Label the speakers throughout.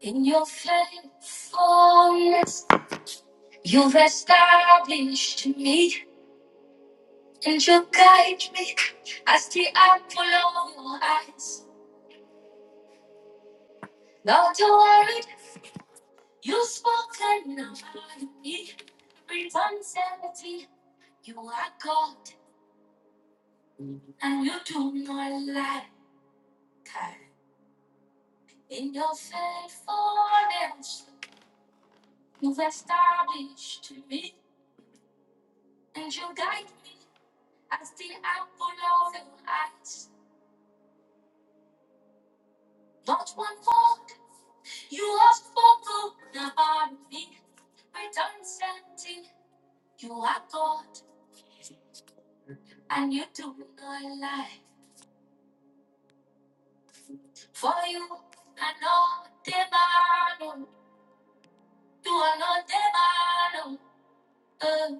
Speaker 1: In your faithfulness, you've established me and you guide me as the apple of your eyes. Not a word you've spoken about me. Every uncertainty. You are God and you do not lie. In your faithfulness, you've established me and you guide me as the apple of your eyes. Not one word You are spoken about me, redundancy. You are God, and you do not lie. For you, I know divine. You are not divine. Uh,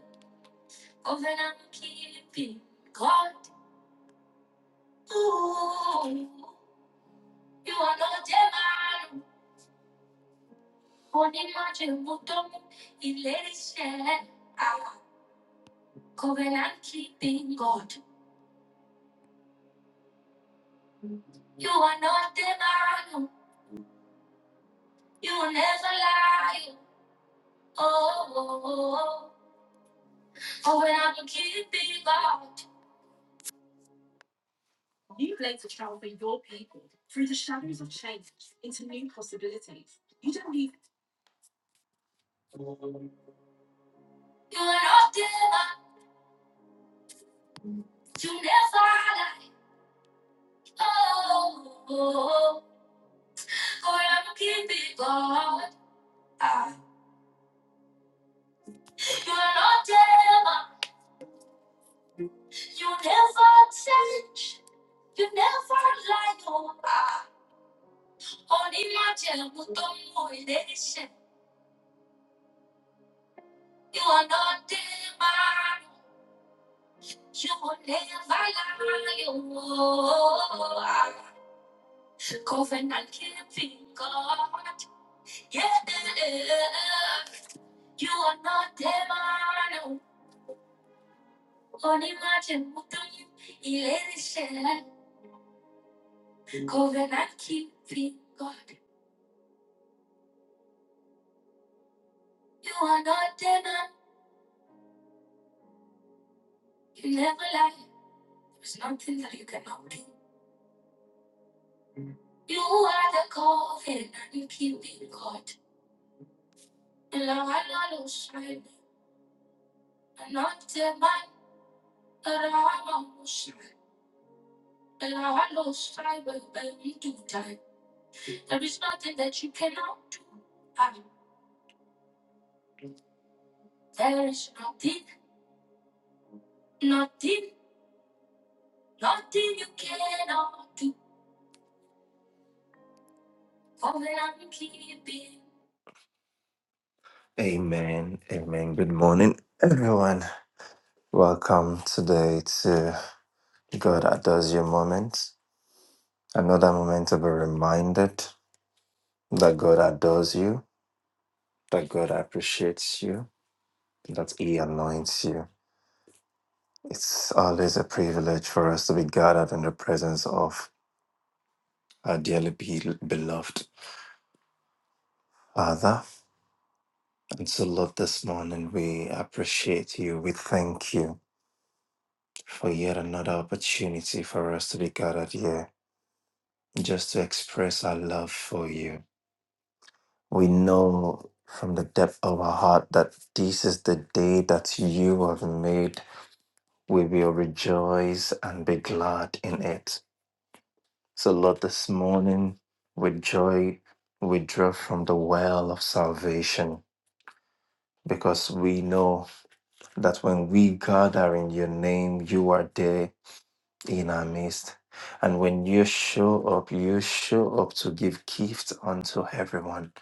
Speaker 1: covenant keeping God. Ooh, you are not divine. Unimaginable, illusion. Ah, covenant keeping God. You are not divine. You will never lie. Oh, oh, oh, oh. oh. when I'm a kid, be locked. You are not give You never lie. Oh, oh, oh, oh. when I'm a kid, be locked. Ah. You are not give You never change. You never lie. Oh, ah. only my gem with the motivation. You are not divine. You will never lie. Oh, ah. Covenant keeping God, yeah. You are not demon, only imagine what do you elation. Covenant keeping God, you are not demon, you never lie. There's nothing that you cannot do. You are the covenant keeping God. Lord, shine, not demon, Lord, shine. Lord, shine, baby, do die. There is nothing that you cannot do. Ah, There is nothing, nothing, nothing you cannot do. For that I'm keeping. Amen. Amen. Good morning, everyone. Welcome today to God Adores You moment. Another moment to be reminded that God adores you, that God appreciates you, that He anoints you. It's always a privilege for us to be gathered in the presence of our dearly be- beloved. Father, and so Lord, this morning we appreciate you. We thank you for yet another opportunity for us to be gathered here just to express our love for you. We know from the depth of our heart that this is the day that you have made. We will rejoice and be glad in it. So, Lord, this morning with joy we draw from the well of salvation because we know. that when we gather in your name, you are there in our midst. And when you show up, you show up to give gifts unto everyone.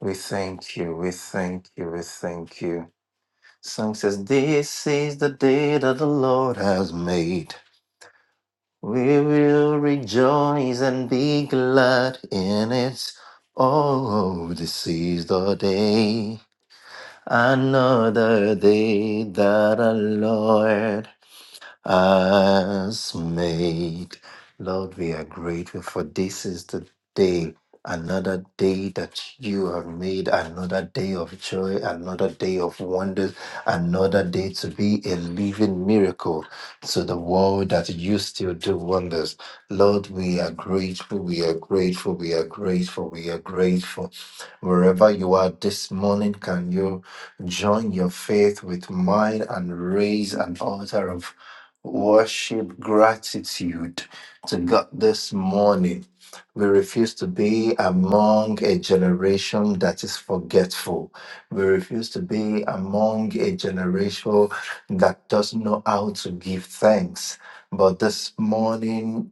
Speaker 1: We thank you, we thank you, we thank you. Song says, This is the day that the Lord has made. We will rejoice and be glad in it. Oh, this is the day, another day that the Lord us made. Lord, we are grateful for this is the day, another day that you have made, another day of joy, another day of wonders, another day to be a living miracle to the world that you still do wonders. Lord, we are grateful, we are grateful, we are grateful, we are grateful. Wherever you are this morning, can you join your faith with mine and raise an altar of worship gratitude to God this morning. We refuse to be among a generation that is forgetful. We refuse to be among a generation that doesn't know how to give thanks. But this morning,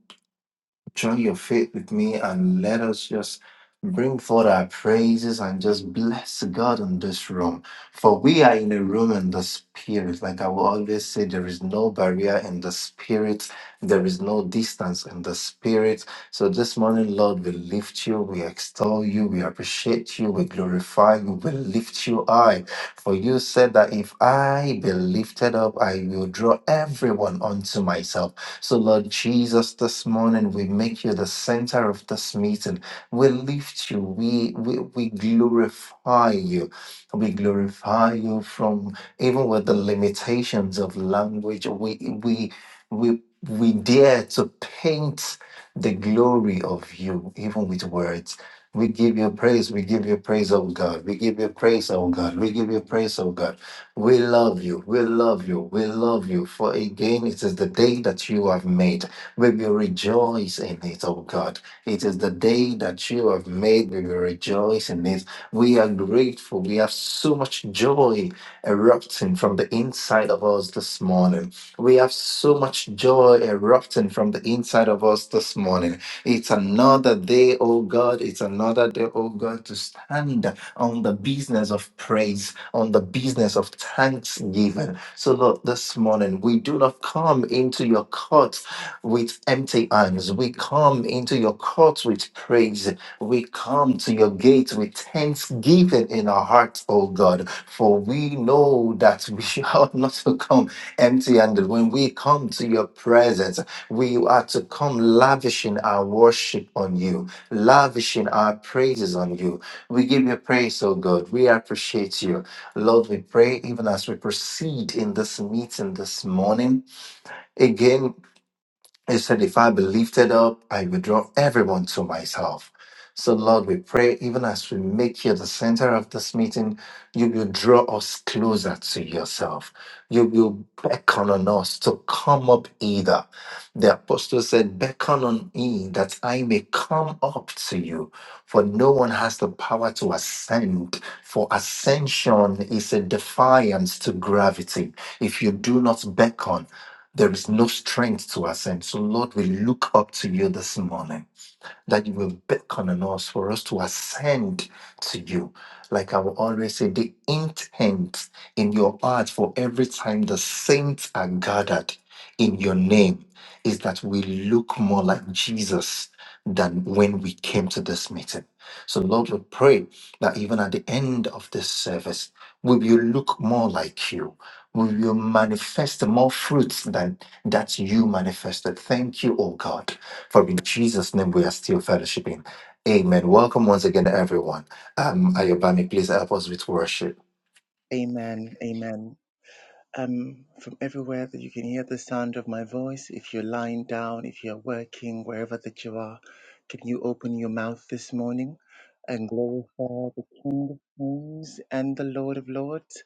Speaker 1: join your faith with me and let us just bring forth our praises and just bless God in this room. For we are in a room in the spirit. Like I will always say, there is no barrier in the spirit, there is no distance in the spirit. So this morning, Lord, we lift you, we extol you, we appreciate you, we glorify you, we lift you high. For you said that if I be lifted up, I will draw everyone unto myself. So, Lord Jesus, this morning we make you the center of this meeting. We lift you, we, we, we glorify you. We glorify you from even with the limitations of language. We, we, we, we dare to paint the glory of you, even with words. We give you praise. We give you praise, oh God. We give you praise, oh God. We give you praise, oh God. We love you. We love you. We love you. For again, it is the day that you have made. We will rejoice in it, oh God. It is the day that you have made. We will rejoice in it. We are grateful. We have so much joy erupting from the inside of us this morning. We have so much joy erupting from the inside of us this morning. It's another day, oh God. It's another day, oh God, to stand on the business of praise on the business of thanksgiving. So, Lord, this morning we do not come into your courts with empty hands. We come into your courts with praise. We come to your gate with thanksgiving in our hearts, O God, for we know that we are not to come empty handed. When we come to your presence, we are to come lavishing our worship on you, lavishing our praises on you. We give you praise, O God. We appreciate you. Lord, we pray even as we proceed in this meeting this morning. Again, he said, If I be lifted up, I will draw everyone to myself. So, Lord, we pray, even as we make you the center of this meeting, you will draw us closer to yourself. You will beckon on us to come up either. The apostle said, Beckon on me that I may come up to you, for no one has the power to ascend. For ascension is a defiance to gravity. If you do not beckon, there is no strength to ascend. So, Lord, we look up to you this morning that you will beckon on us for us to ascend to you. Like I will always say, the intent in your heart for every time the saints are gathered in your name is that we look more like Jesus than when we came to this meeting. So, Lord, we pray that even at the end of this service, will you look more like you. Will you manifest more fruits than that you manifested. Thank you, oh God for in Jesus' name we are still fellowshipping. Amen. Welcome once again, everyone. Um, Ayobami, please help us with worship.
Speaker 2: Amen. Amen. Um, from everywhere that you can hear the sound of my voice, if you're lying down, if you're working, wherever that you are, can you open your mouth this morning and glorify the King of Kings and the Lord of Lords?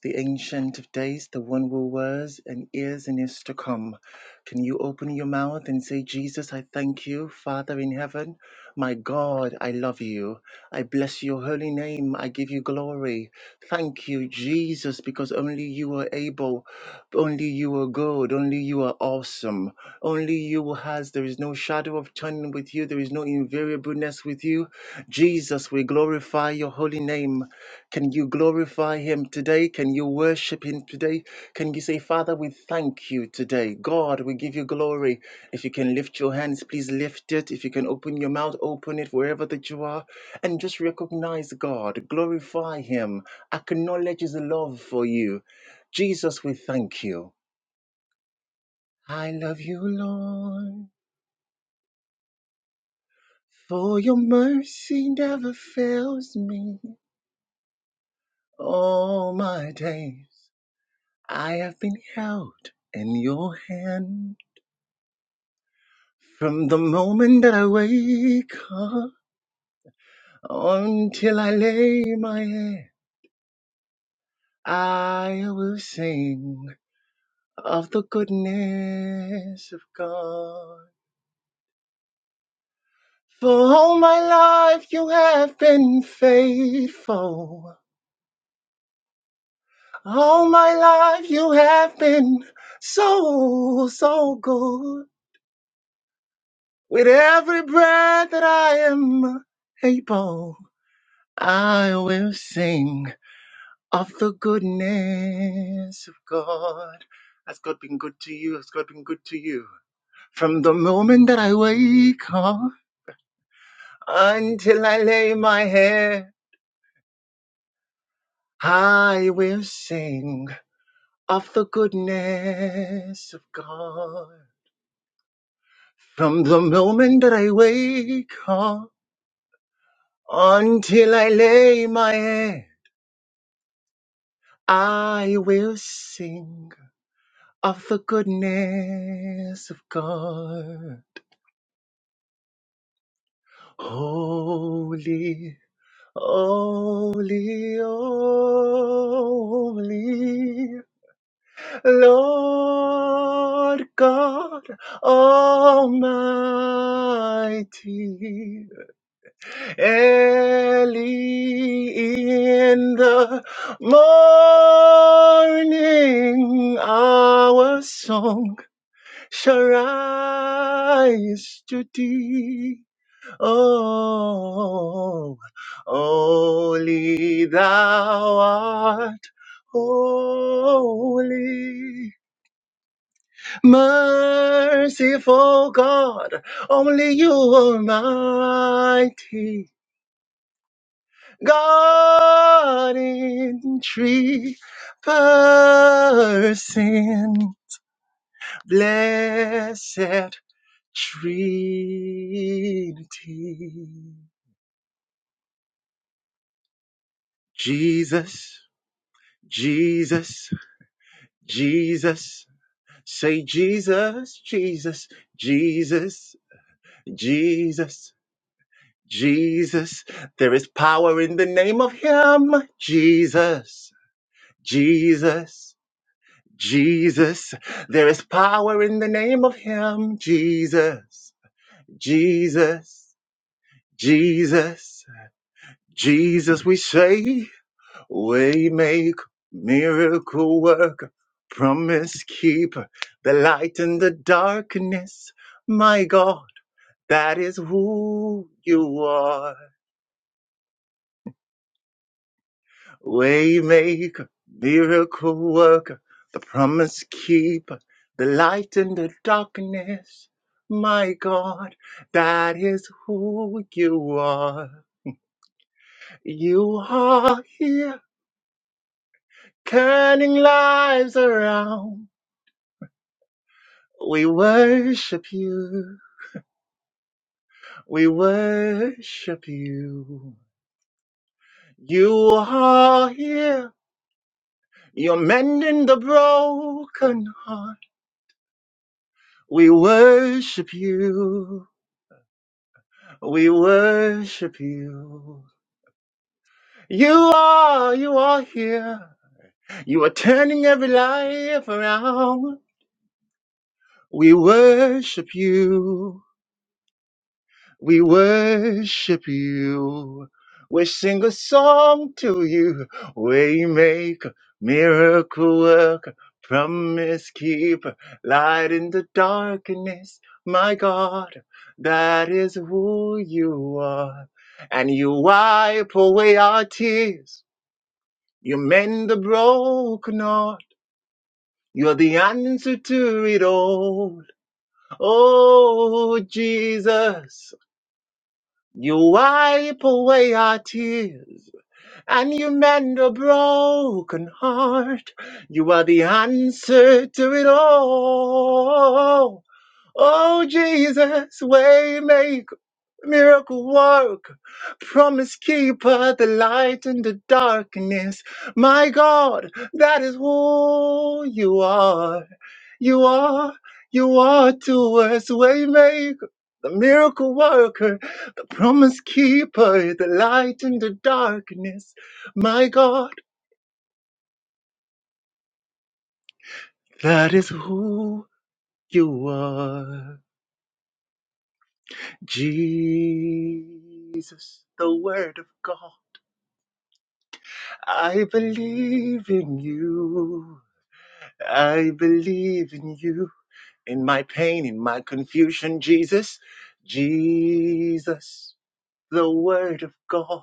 Speaker 2: the Ancient of Days, the one who was and is and is to come. Can you open your mouth and say, Jesus, I thank you, Father in heaven? My God, I love you. I bless your holy name. I give you glory. Thank you, Jesus, because only you are able, only you are good, only you are awesome, only you has. There is no shadow of turning with you, there is no invariableness with you. Jesus, we glorify your holy name. Can you glorify him today? Can you worship him today? Can you say, Father, we thank you today? God, we give you glory. If you can lift your hands, please lift it. If you can open your mouth, open it wherever that you are. And just recognize God, glorify him, acknowledge his love for you. Jesus, we thank you. I love you, Lord, for your mercy never fails me all my days. I have been held in your hand from the moment that I wake up until I lay my head. I will sing of the goodness of God. For all my life you have been faithful. All my life you have been so, so good. With every breath that I am able. I will sing of the goodness of God. Has God been good to you? Has God been good to you? From the moment that I wake up until I lay my head, I will sing of the goodness of God. From the moment that I wake up until I lay my head, I will sing of the goodness of God. Holy, holy, holy, Lord God Almighty, early in the morning, our song shall rise to thee. Oh, only thou art holy. Merciful God, only you almighty. God in three person, blessed Trinity. Jesus, Jesus, Jesus. Say Jesus, Jesus, Jesus, Jesus, Jesus. There is power in the name of Him. Jesus, Jesus, Jesus. There is power in the name of Him. Jesus, Jesus, Jesus, Jesus. We say. Waymaker, miracle worker, promise keeper, the light in the darkness. My God, that is who you are. Waymaker, miracle worker, the promise keeper, the light in the darkness. My God, that is who you are. You are here, turning lives around. We worship you. We worship you. You are here. You're mending the broken heart. We worship you. We worship you. You are, you are here. You are turning every life around. We worship you. We worship you. We sing a song to you. We make miracle work, promise keep light in the darkness. My God, that is who you are. And you wipe away our tears. You mend the broken heart. You're the answer to it all. Oh, Jesus. You wipe away our tears and you mend a broken heart. You are the answer to it all. Oh, Jesus, way make miracle work, promise keeper, the light in the darkness. My God, that is who you are. You are, you are to us waymaker, the miracle worker, the promise keeper, the light in the darkness. My God, that is who you are. Jesus, the Word of God. I believe in you. I believe in you. In my pain, in my confusion, Jesus, Jesus, the Word of God.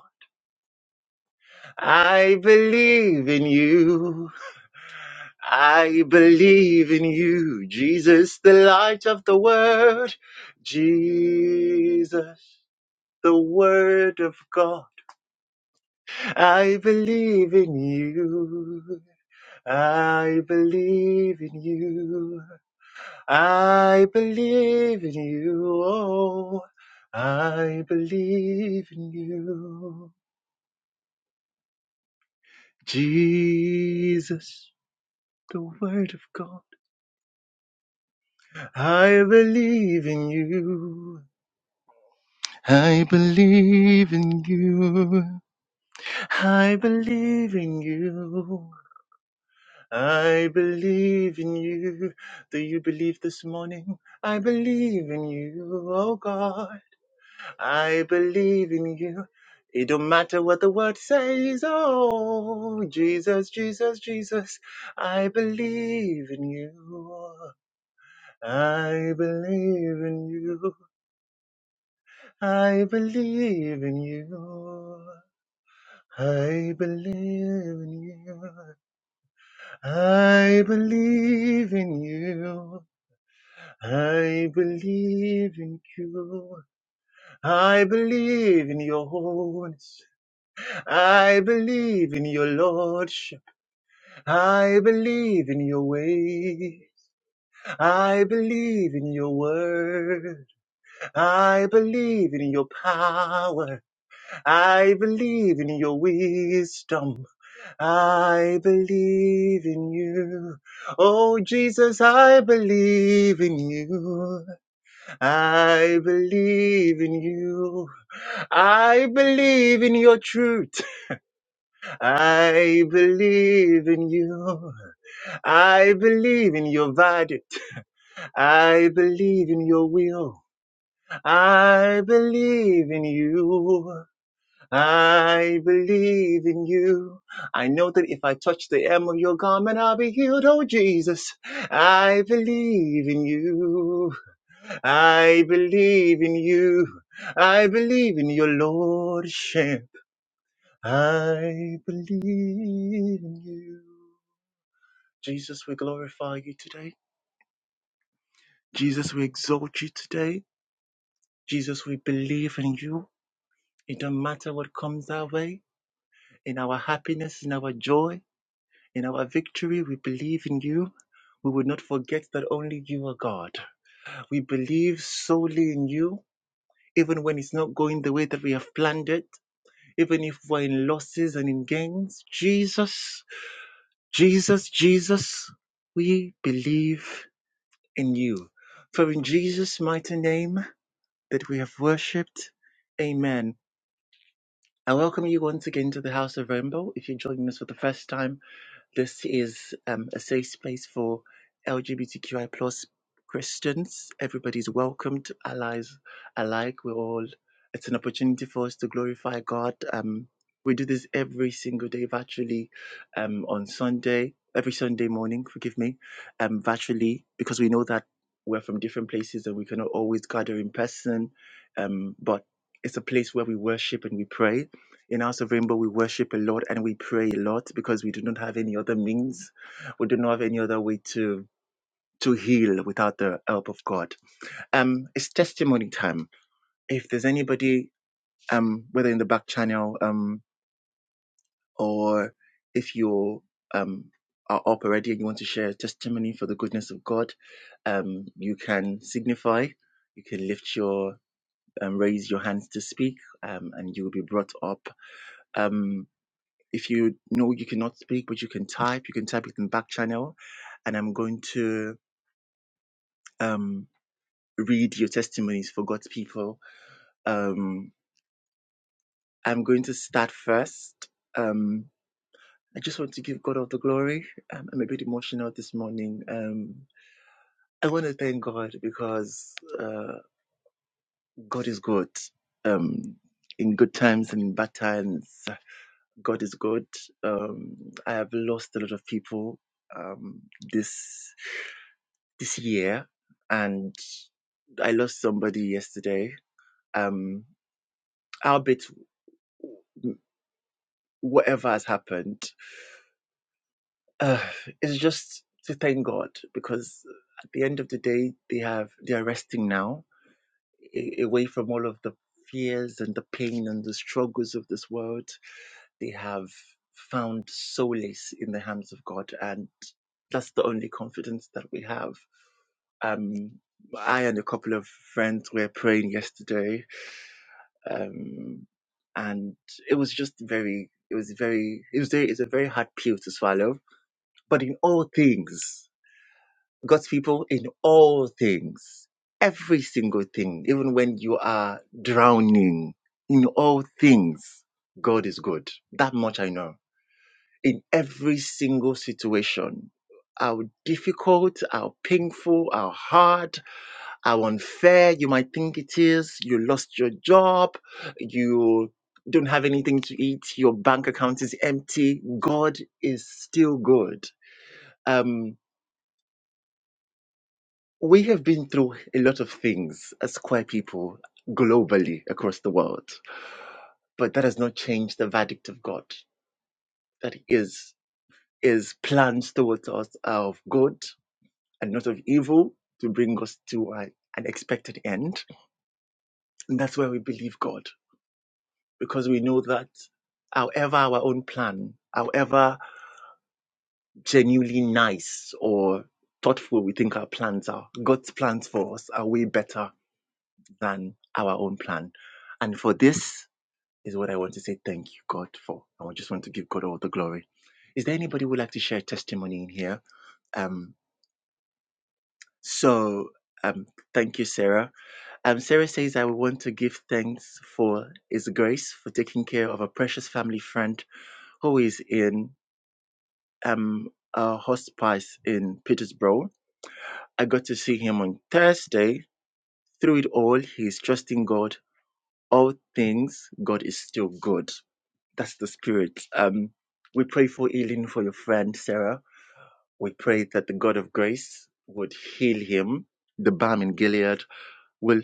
Speaker 2: I believe in you. I believe in you, Jesus, the light of the world. Jesus, the word of God. I believe in you. I believe in you. I believe in you. Oh, I believe in you. Jesus, the word of God. I believe in you. I believe in you. I believe in you. I believe in you. Do you believe this morning? I believe in you, oh God. I believe in you. It don't matter what the word says. Oh, Jesus, Jesus, Jesus. I believe in you. I believe in you. I believe in you. I believe in you. I believe in you. I believe in you. I believe in your holiness. I believe in your lordship. I believe in your way. I believe in your word. I believe in your power. I believe in your wisdom. I believe in you. Oh, Jesus, I believe in you. I believe in you. I believe in your truth. I believe in you. I believe in your verdict. I believe in your will. I believe in you. I believe in you. I know that if I touch the hem of your garment, I'll be healed. Oh, Jesus, I believe in you. I believe in you. I believe in your Lordship. I believe in you. Jesus, we glorify you today. Jesus, we exalt you today. Jesus, we believe in you. It don't matter what comes our way, in our happiness, in our joy. In our victory, we believe in you. We will not forget that only you are God. We believe solely in you, even when it's not going the way that we have planned it, even if we're in losses and in gains. Jesus, Jesus, Jesus, we believe in you. For in Jesus' mighty name that we have worshipped, amen. I welcome you once again to the House of Rainbow. If you're joining us for the first time, This is um, a safe space for LGBTQI plus Christians. Everybody's welcomed, allies alike. We're all. It's an opportunity for us to glorify God. Um, we do this every single day, virtually, um, on Sunday, every Sunday morning. Forgive me, um, virtually, because we know that we're from different places and we cannot always gather in person. Um, but it's a place where we worship and we pray in House of Rainbow, we worship a lot and we pray a lot because we do not have any other means. We do not have any other way to to heal without the help of God. Um, it's testimony time. If there's anybody, um, whether in the back channel, um, or if you um are up already and you want to share a testimony for the goodness of God, um, you can signify. You can lift your um, raise your hands to speak, um, and you will be brought up. Um, If you know you cannot speak, but you can type, you can type it in back channel, and I'm going to um, read your testimonies for God's people. Um, I'm going to start first. Um, I just want to give God all the glory. Um, I'm a bit emotional this morning. Um, I want to thank God because uh, God is good. Um, in good times and in bad times, God is good. Um, I have lost a lot of people um, this. this year and I lost somebody yesterday. Um, albeit whatever has happened, uh, it's just to thank God because at the end of the day, they have they are resting now, a- away from all of the fears and the pain and the struggles of this world. They have found solace in the hands of God, and that's the only confidence that we have. Um, I and a couple of friends were praying yesterday um, and it was just very, it was very, it was very, it's a very hard pill to swallow. But in all things, God's people, in all things, every single thing, even when you are drowning, in all things, God is good. That much I know. In every single situation, how difficult, how painful, how hard, how unfair you might think it is. You lost your job. You don't have anything to eat. Your bank account is empty. God is still good. Um, we have been through a lot of things as queer people globally across the world, but that has not changed the verdict of God. That is his plans towards us are of good and not of evil to bring us to a- an expected end. And that's where we believe God. because we know that however our own plan, however genuinely nice or thoughtful we think our plans are, God's plans for us are way better than our own plan. And for this is what I want to say thank you, God, for. I just want to give God all the glory. Is there anybody who would like to share testimony in here? Um, so um, thank you, Sarah. Um, Sarah says, I want to give thanks for His grace for taking care of a precious family friend who is in um, a hospice in Petersburg. I got to see him on Thursday. Through it all, he's trusting God. All things, God is still good. That's the spirit. Um, we pray for healing for your friend Sarah. We pray that the God of grace would heal him. The balm in Gilead will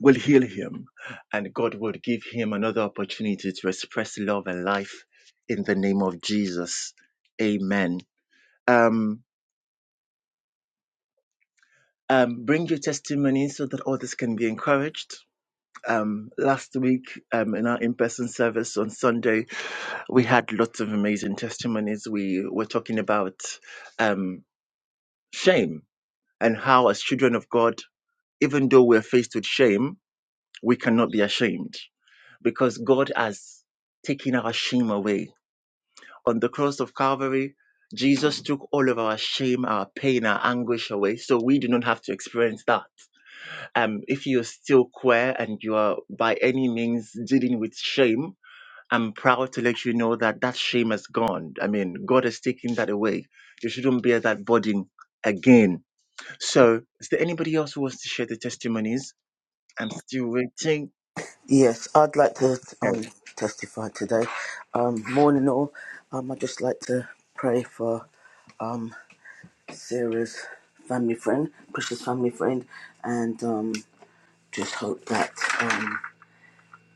Speaker 2: will heal him, and God would give him another opportunity to express love and life in the name of Jesus. Amen. Um, Um, bring your testimony so that others can be encouraged. Um, last week um, in our in-person service on Sunday, we had lots of amazing testimonies. We were talking about um, shame and how, as children of God, even though we're faced with shame, we cannot be ashamed because God has taken our shame away. On the cross of Calvary, Jesus took all of our shame, our pain, our anguish away, so we do not have to experience that. um, if you're still queer and you are by any means dealing with shame, I'm proud to let you know that that shame is gone. I mean, God has taken that away. You shouldn't bear that burden again. So, is there anybody else who wants to share the testimonies? I'm still waiting.
Speaker 3: Yes, I'd like to um, testify today. Um, morning all. Um, I'd just like to pray for um, Sarah's family friend, precious family friend, and um, just hope that um,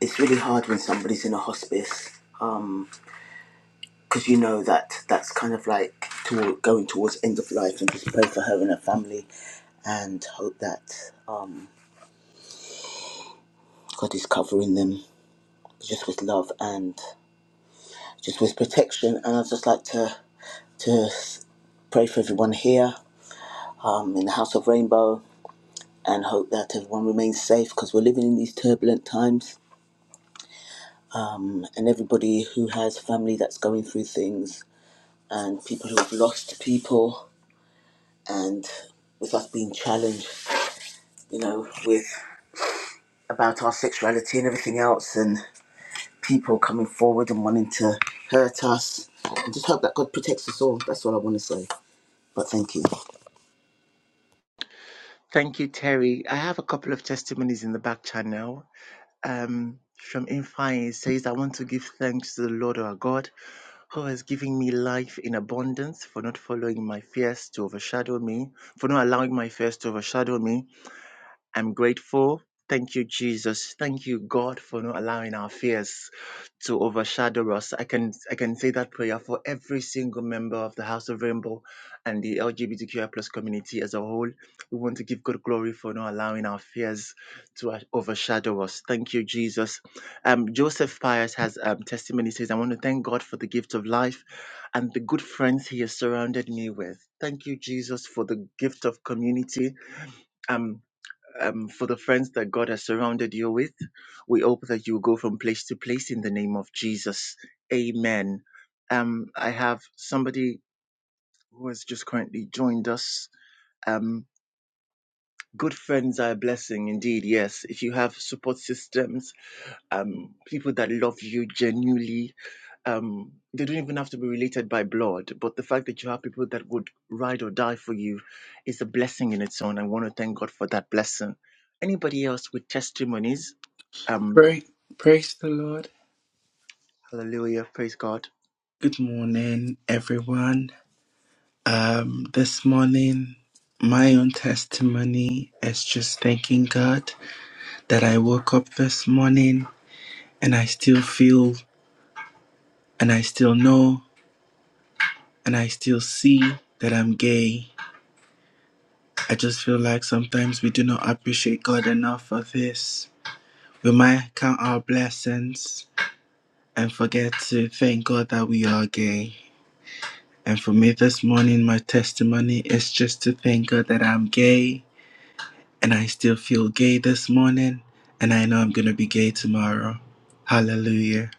Speaker 3: it's really hard when somebody's in a hospice because you know that that's kind of like to, going towards end of life and just pray for her and her family and hope that um, God is covering them just with love and just with protection. And I'd just like to to pray for everyone here um, in the House of Rainbow and hope that everyone remains safe because we're living in these turbulent times. Um, and everybody who has family that's going through things and people who have lost people and with us being challenged, you know, with about our sexuality and everything else and people coming forward and wanting to hurt us. And just hope that God protects us all. That's all I want to say. But thank you.
Speaker 2: Thank you, Terry. I have a couple of testimonies in the back channel. um, from Infine. It says, I want to give thanks to the Lord our God who has given me life in abundance for not following my fears to overshadow me, for not allowing my fears to overshadow me. I'm grateful. Thank you, Jesus. Thank you, God, for not allowing our fears to overshadow us. I can I can say that prayer for every single member of the House of Rainbow and the LGBTQI plus community as a whole. We want to give God glory for not allowing our fears to a- overshadow us. Thank you, Jesus. Um, Joseph Pius has um, testimony He says, "I want to thank God for the gift of life and the good friends He has surrounded me with. Thank you, Jesus, for the gift of community." Um, um, for the friends that God has surrounded you with. We hope that you go from place to place in the name of Jesus. Amen. Um, I have somebody who has just currently joined us. Um, good friends are a blessing indeed. Yes. If you have support systems, um, people that love you genuinely. Um, they don't even have to be related by blood, but the fact that you have people that would ride or die for you is a blessing in its own. I want to thank God for that blessing. Anybody else with testimonies? Um,
Speaker 4: Pray, praise the Lord.
Speaker 2: hallelujah, praise God.
Speaker 4: Good morning, everyone. Um, this morning, my own testimony is just thanking God that I woke up this morning and I still feel and I still know and I still see that I'm gay. I just feel like sometimes we do not appreciate God enough for this. We might count our blessings and forget to thank God that we are gay. And for me this morning, my testimony is just to thank God that I'm gay and I still feel gay this morning. And I know I'm going to be gay tomorrow. Hallelujah.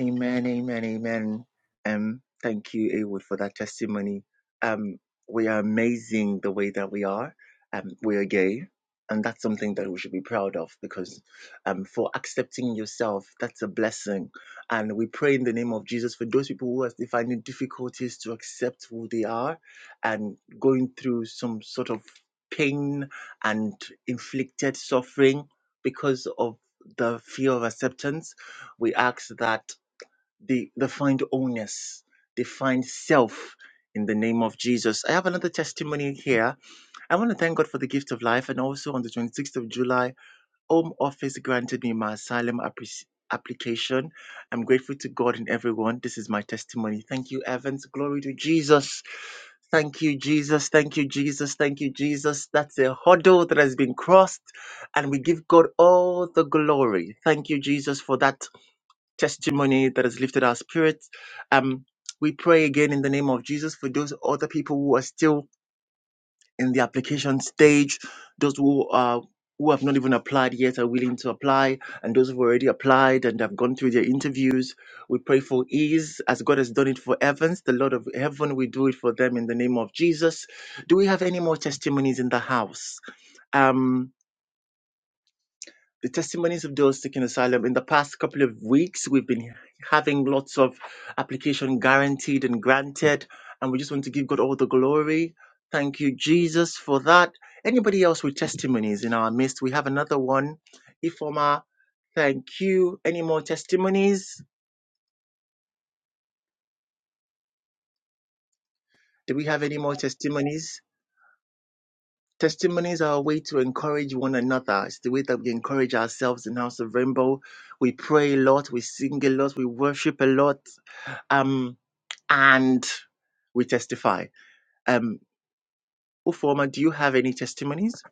Speaker 2: Amen, amen, amen. Um, thank you, Awood, for that testimony. Um, we are amazing the way that we are. Um, we are gay, and that's something that we should be proud of because, um, for accepting yourself, that's a blessing. And we pray in the name of Jesus for those people who are still finding difficulties to accept who they are, and going through some sort of pain and inflicted suffering because of the fear of acceptance. We ask that they, they find oneness, they find self in the name of Jesus. I have another testimony here. I want to thank God for the gift of life. And also on the 26th of July, Home Office granted me my asylum appreci- application. I'm grateful to God and everyone. This is my testimony. Thank you, Evans. Glory to Jesus. Thank you, Jesus. Thank you, Jesus. Thank you, Jesus. That's a hurdle that has been crossed, and we give God all the glory. Thank you, Jesus, for that testimony that has lifted our spirits. Um, we pray again in the name of Jesus for those other people who are still in the application stage, those who are who have not even applied yet are willing to apply, and those who've already applied and have gone through their interviews. We pray for ease as God has done it for Evans, the Lord of Heaven. We do it for them in the name of Jesus. Do we have any more testimonies in the house? Um, the testimonies of those seeking asylum in the past couple of weeks we've been having lots of application guaranteed and granted and we just want to give god all the glory thank you jesus for that anybody else with testimonies in our midst we have another one ifoma thank you any more testimonies do we have any more testimonies testimonies are a way to encourage one another it's the way that we encourage ourselves in house of rainbow we pray a lot we sing a lot we worship a lot Um. and we testify. Um, Uforma, do you have any testimonies?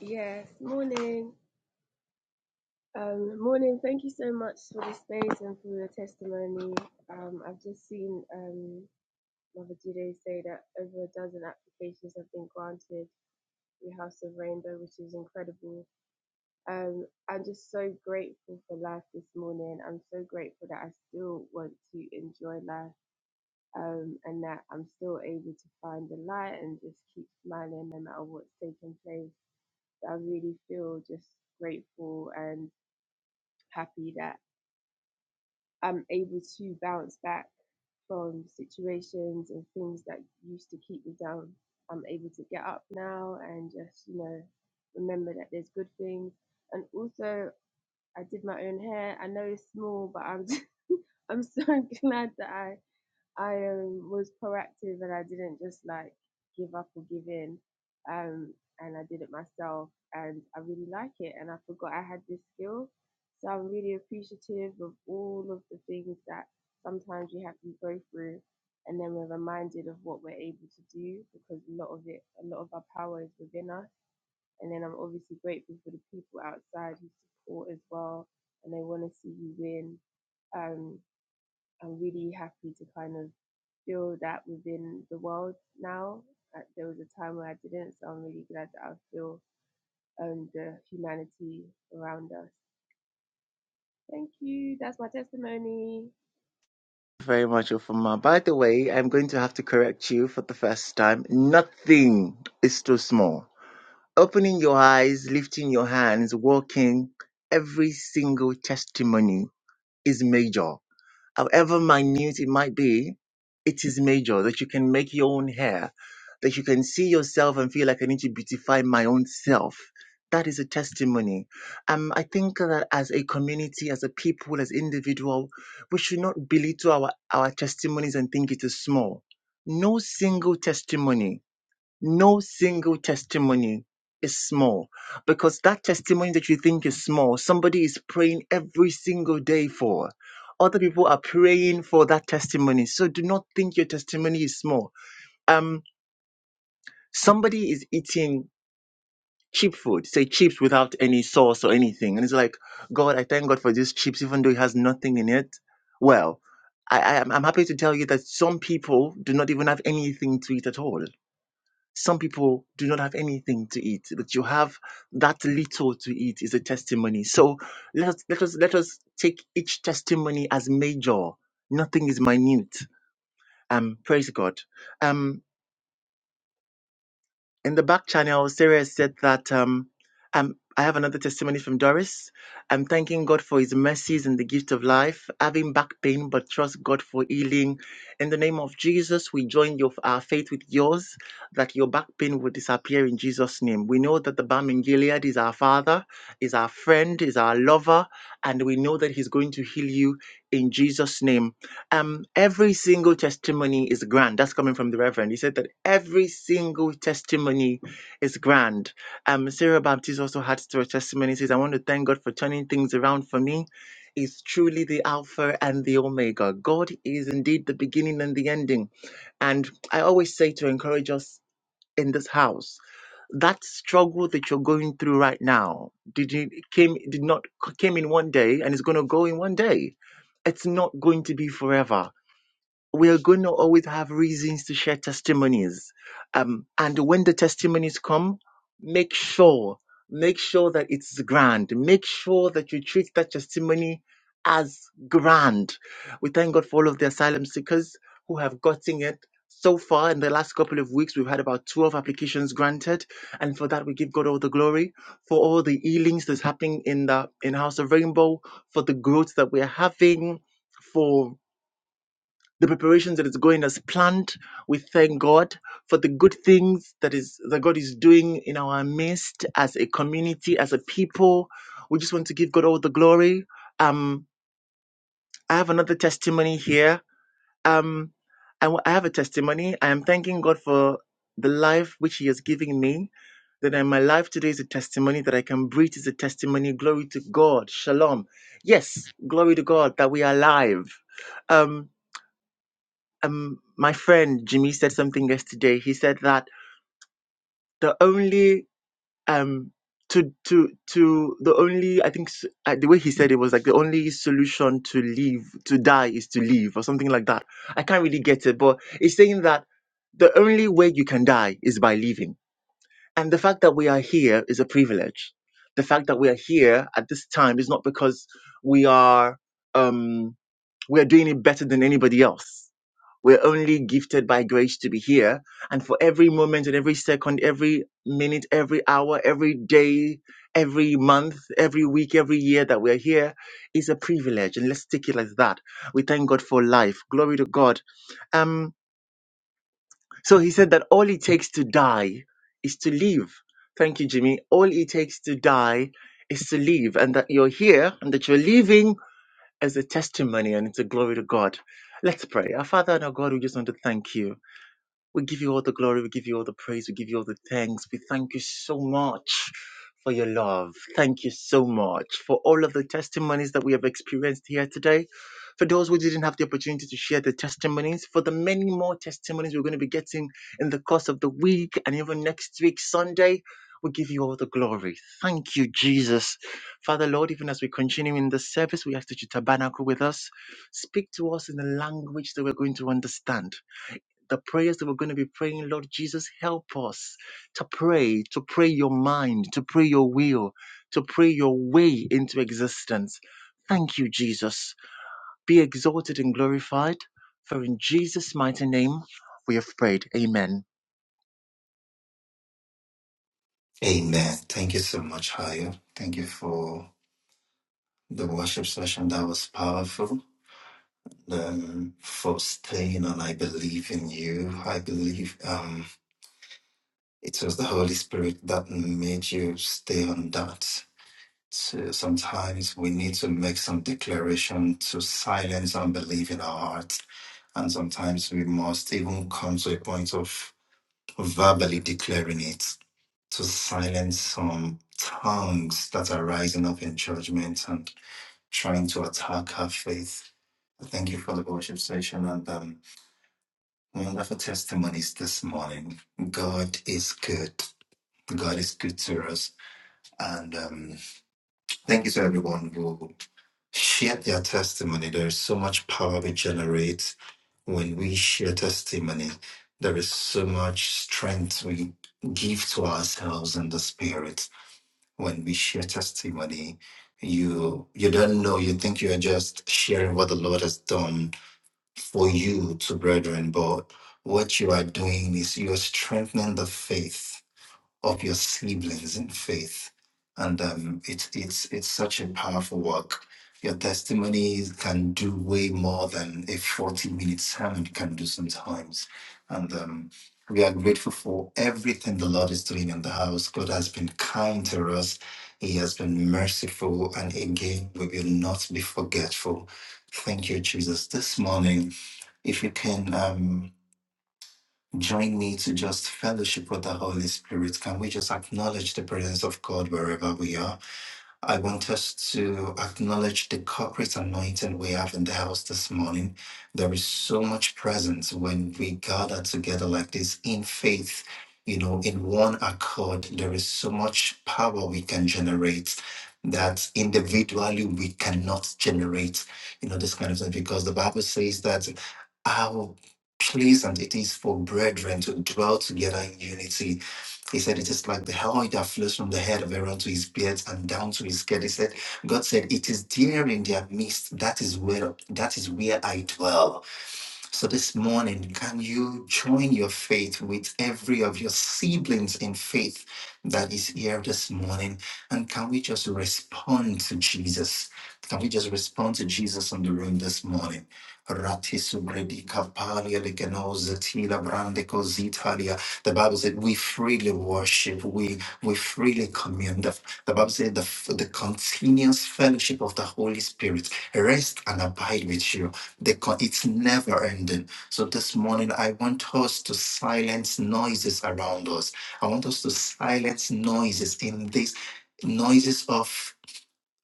Speaker 5: Yes, morning. Um, morning. Thank you so much for the space and for your testimony. Um, I've just seen um, Mother Jude say that over a dozen applications have been granted the House of Rainbow, which is incredible. Um, I'm just so grateful for life this morning. I'm so grateful that I still want to enjoy life um, and that I'm still able to find the light and just keep smiling no matter what's taking place. I really feel just grateful and. happy that I'm able to bounce back from situations and things that used to keep me down. I'm able to get up now and just, you know, remember that there's good things. And also, I did my own hair. I know it's small, but I'm I'm so glad that I I um, was proactive and I didn't just like give up or give in. Um, and I did it myself and I really like it. And I forgot I had this skill. So I'm really appreciative of all of the things that sometimes we have to go through. And then we're reminded of what we're able to do because a lot of it, a lot of our power is within us. And then I'm obviously grateful for the people outside who support as well and they want to see you win. Um, I'm really happy to kind of feel that within the world now. Uh, There was a time where I didn't, so I'm really glad that I feel um, the humanity around us. Thank you. That's my testimony.
Speaker 2: Very much, Uforma. By the way, I'm going to have to correct you for the first time. Nothing is too small. Opening your eyes, lifting your hands, walking, every single testimony is major. however minute it might be, it is major that you can make your own hair, that you can see yourself and feel like I need to beautify my own self. That is a testimony. Um, I think that as a community, as a people, as individual, we should not belittle our, our testimonies and think it is small. No single testimony no single testimony is small because that testimony that you think is small, somebody is praying every single day for. Other people are praying for that testimony. So do not think your testimony is small. Um, somebody is eating cheap food, say chips without any sauce or anything. And it's like, God, I thank God for these chips, even though it has nothing in it. Well, I, I, I'm I'm happy to tell you that some people do not even have anything to eat at all some people do not have anything to eat, but you have that little to eat is a testimony. So let us let us let us take each testimony as major. Nothing is minute. Um, praise God. Um, in the back channel, Sarah said that um, um, I have another testimony from Doris. I'm thanking God for his mercies and the gift of life, having back pain, but trust God for healing. In the name of Jesus, we join your, our faith with yours that your back pain will disappear in Jesus' name. We know that the balm in Gilead is our father, is our friend, is our lover, and we know that he's going to heal you in Jesus' name um, every single testimony is grand. That's coming from the Reverend. He said that every single testimony is grand. Um, Sarah Baptist also had to her testimony. He says, I want to thank God for turning things around for me. He's truly the Alpha and the Omega. God is indeed the beginning and the ending. And I always say to encourage us in this house that struggle that you're going through right now did you came did not came in one day and is going to go in one day it's not going to be forever we're going to always have reasons to share testimonies. Um, and when the testimonies come, make sure, make sure that it's grand. Make sure that you treat that testimony as grand. We thank God for all of the asylum seekers who have gotten it. So far, in the last couple of weeks, we've had about 12 applications granted. And for that, we give God all the glory for all the healings that's happening in the in House of Rainbow, for the growth that we're having, for the preparations that is going as planned. We thank God for the good things that is that God is doing in our midst as a community, as a people. We just want to give God all the glory. Um, I have another testimony here. Um, I, w- I have a testimony. I am thanking God for the life which He has given me. That in my life today is a testimony that I can breathe is a testimony. Glory to God. Shalom. Yes, glory to God that we are alive. Um, um my friend Jimmy said something yesterday. He said that the only um to to to the only I think s- uh, the way he said it was like the only solution to leave to die is to leave or something like that. I can't really get it, but it's saying that the only way you can die is by leaving. And the fact that we are here is a privilege. The fact that we are here at this time is not because we are um we are doing it better than anybody else we're only gifted by grace to be here. And for every moment and every second, every minute, every hour, every day, every month, every week, every year that we're here is a privilege. And let's take it like that. We thank God for life. Glory to God. Um, so he said that all it takes to die is to live. Thank you, Jimmy. All it takes to die is to live. And that you're here and that you're living is a testimony and it's a glory to God. Let's pray. Our Father and our God, we just want to thank you. We give you all the glory. We give you all the praise. We give you all the thanks. We thank you so much for your love. Thank you so much for all of the testimonies that we have experienced here today. For those who didn't have the opportunity to share the testimonies, for the many more testimonies we're going to be getting in the course of the week and even next week, Sunday, we give you all the glory. Thank you, Jesus. Father, Lord, even as we continue in the service, we ask that you tabernacle with us. Speak to us in the language that we're going to understand the prayers that we're going to be praying, Lord Jesus, help us to pray, to pray your mind, to pray your will, to pray your way into existence. Thank you, Jesus. Be exalted and glorified, for in Jesus' mighty name we have prayed. Amen.
Speaker 1: Amen. Thank you so much, Hayo. Thank you for the worship session. That was powerful. Um, for staying on, I believe in you. I believe. Um. It was the Holy Spirit that made you stay on that. So sometimes we need to make some declaration to silence unbelief in our hearts. And sometimes we must even come to a point of verbally declaring it to silence some tongues that are rising up in judgment and trying to attack our faith. Thank you for the worship session and um, wonderful testimonies this morning. God is good. God is good to us. And um, thank you to everyone who shared their testimony. There is so much power we generate when we share testimony. There is so much strength we give to ourselves and the spirit when we share testimony. You you don't know. You think you are just sharing what the Lord has done for you to brethren, but what you are doing is you are strengthening the faith of your siblings in faith. And um, it's it's it's such a powerful work. Your testimonies can do way more than a 40 minute sermon can do sometimes. And um, we are grateful for everything the Lord is doing in the house. God has been kind to us, He has been merciful. And again, we will not be forgetful. Thank you, Jesus. This morning, if you can. Um, Join me to just fellowship with the Holy Spirit. Can we just acknowledge the presence of God wherever we are? I want us to acknowledge the corporate anointing we have in the house this morning. There is so much presence when we gather together like this in faith, you know, in one accord. There is so much power we can generate that individually we cannot generate, you know, this kind of thing, because the Bible says that how pleasant it is for brethren to dwell together in unity he said, It is like the oil that flows from the head of Aaron to his beard and down to his skin. He said, God said, It is there in their midst. That is where that is where I dwell. So this morning, can you join your faith with every of your siblings in faith that is here this morning? And can we just respond to Jesus? Can we just respond to Jesus in the room this morning? Rati sugredi kapalia ligeno zetila brande kozitalia. The Bible said we freely worship, we we freely commune. The, the Bible said the, the continuous fellowship of the Holy Spirit rest and abide with you. The con- it's never ending. So this morning, I want us to silence noises around us. I want us to silence noises in this noises of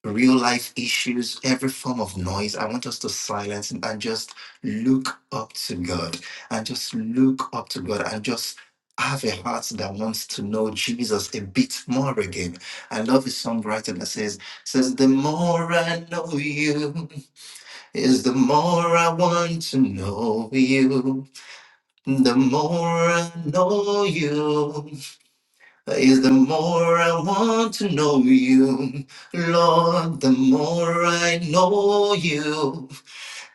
Speaker 1: real life issues, every form of noise. I want us to silence and and just look up to God and just look up to God and just have a heart that wants to know Jesus a bit more again. I love a songwriter that says, says, the more I know you. Is the more I want to know you, the more I know you. Is the more I want to know you, Lord, the more I know you.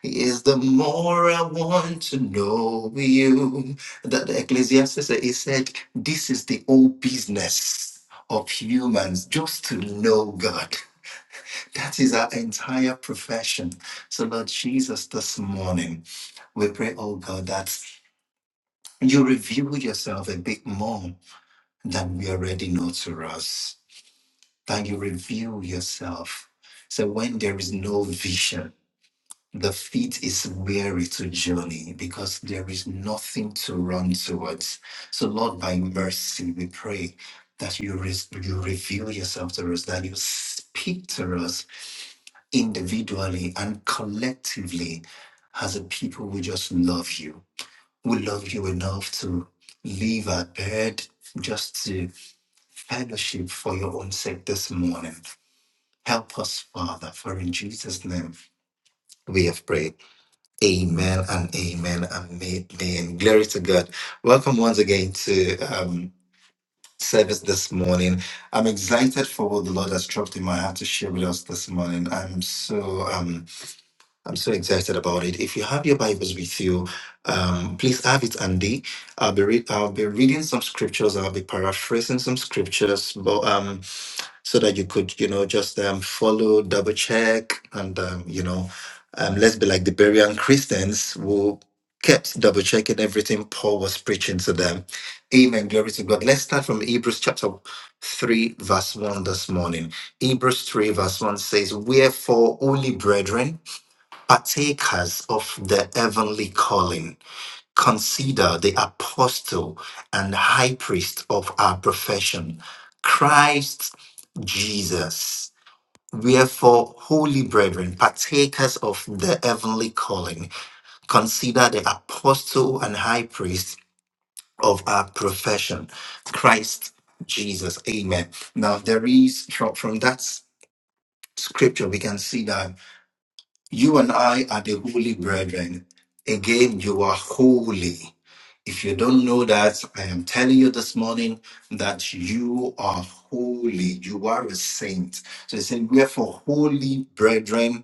Speaker 1: Is the more I want to know you. That the Ecclesiastes he said, this is the old business of humans, just to know God. That is our entire profession. So, Lord Jesus, this morning. We pray, oh God, that you reveal yourself a bit more than we already know to us, that you reveal yourself. So when there is no vision, the feet is weary to journey because there is nothing to run towards. So Lord, by mercy, we pray that you, res- you reveal yourself to us, that you speak to us individually and collectively as a people who just love you We love you enough to leave our bed just to fellowship for your own sake this morning. Help us, Father, for in Jesus' name we have prayed. Amen and amen and amen. Glory to God. Welcome once again to um, service this morning. I'm excited for what the Lord has dropped in my heart to share with us this morning. I'm so. um, I'm so excited about it. If you have your Bibles with you, um, please have it handy. I'll be read, I'll be reading some scriptures. I'll be paraphrasing some scriptures, but um, so that you could, you know, just um, follow, double check, and um, you know, um, let's be like the Berean Christians who kept double checking everything Paul was preaching to them. Amen. Glory to God. Let's start from Hebrews chapter three, verse one this morning. Hebrews three, verse one says, "Wherefore, holy brethren." partakers of the heavenly calling. Consider the apostle and high priest of our profession, Christ Jesus. Wherefore, holy brethren, partakers of the heavenly calling, consider the apostle and high priest of our profession, Christ Jesus. Amen. Now, there is from, from that scripture, we can see that You and I are the holy brethren. Again, you are holy. If you don't know that, I am telling you this morning that you are holy. You are a saint. So he said, Wherefore, holy brethren,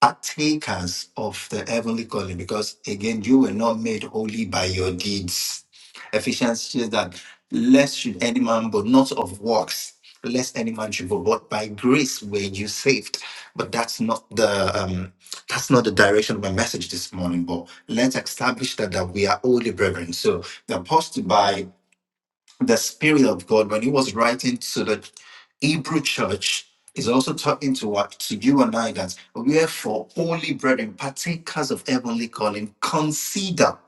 Speaker 1: partakers of the heavenly calling because again you were not made holy by your deeds ephesians says that lest should any man but not of works lest any man should boast, but by grace were you saved but that's not the um that's not the direction of my message this morning but let's establish that that we are holy brethren so the apostle by the Spirit of God, when He was writing to the Hebrew church, is also talking to what to you and I that wherefore, holy brethren, partakers of heavenly calling, consider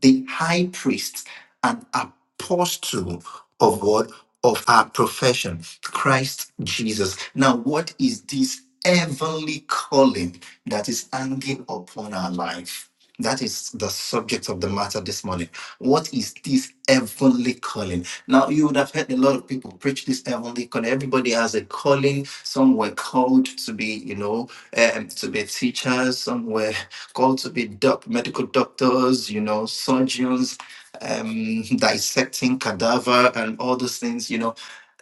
Speaker 1: the high priest and apostle of what? Of our profession, Christ Jesus. Now, what is this heavenly calling that is hanging upon our life? That is the subject of the matter this morning. What is this heavenly calling? Now, you would have heard a lot of people preach this heavenly calling. Everybody has a calling. Some were called to be, you know, um, to be teachers. Some were called to be doc- medical doctors, you know, surgeons, um, dissecting cadaver and all those things, you know.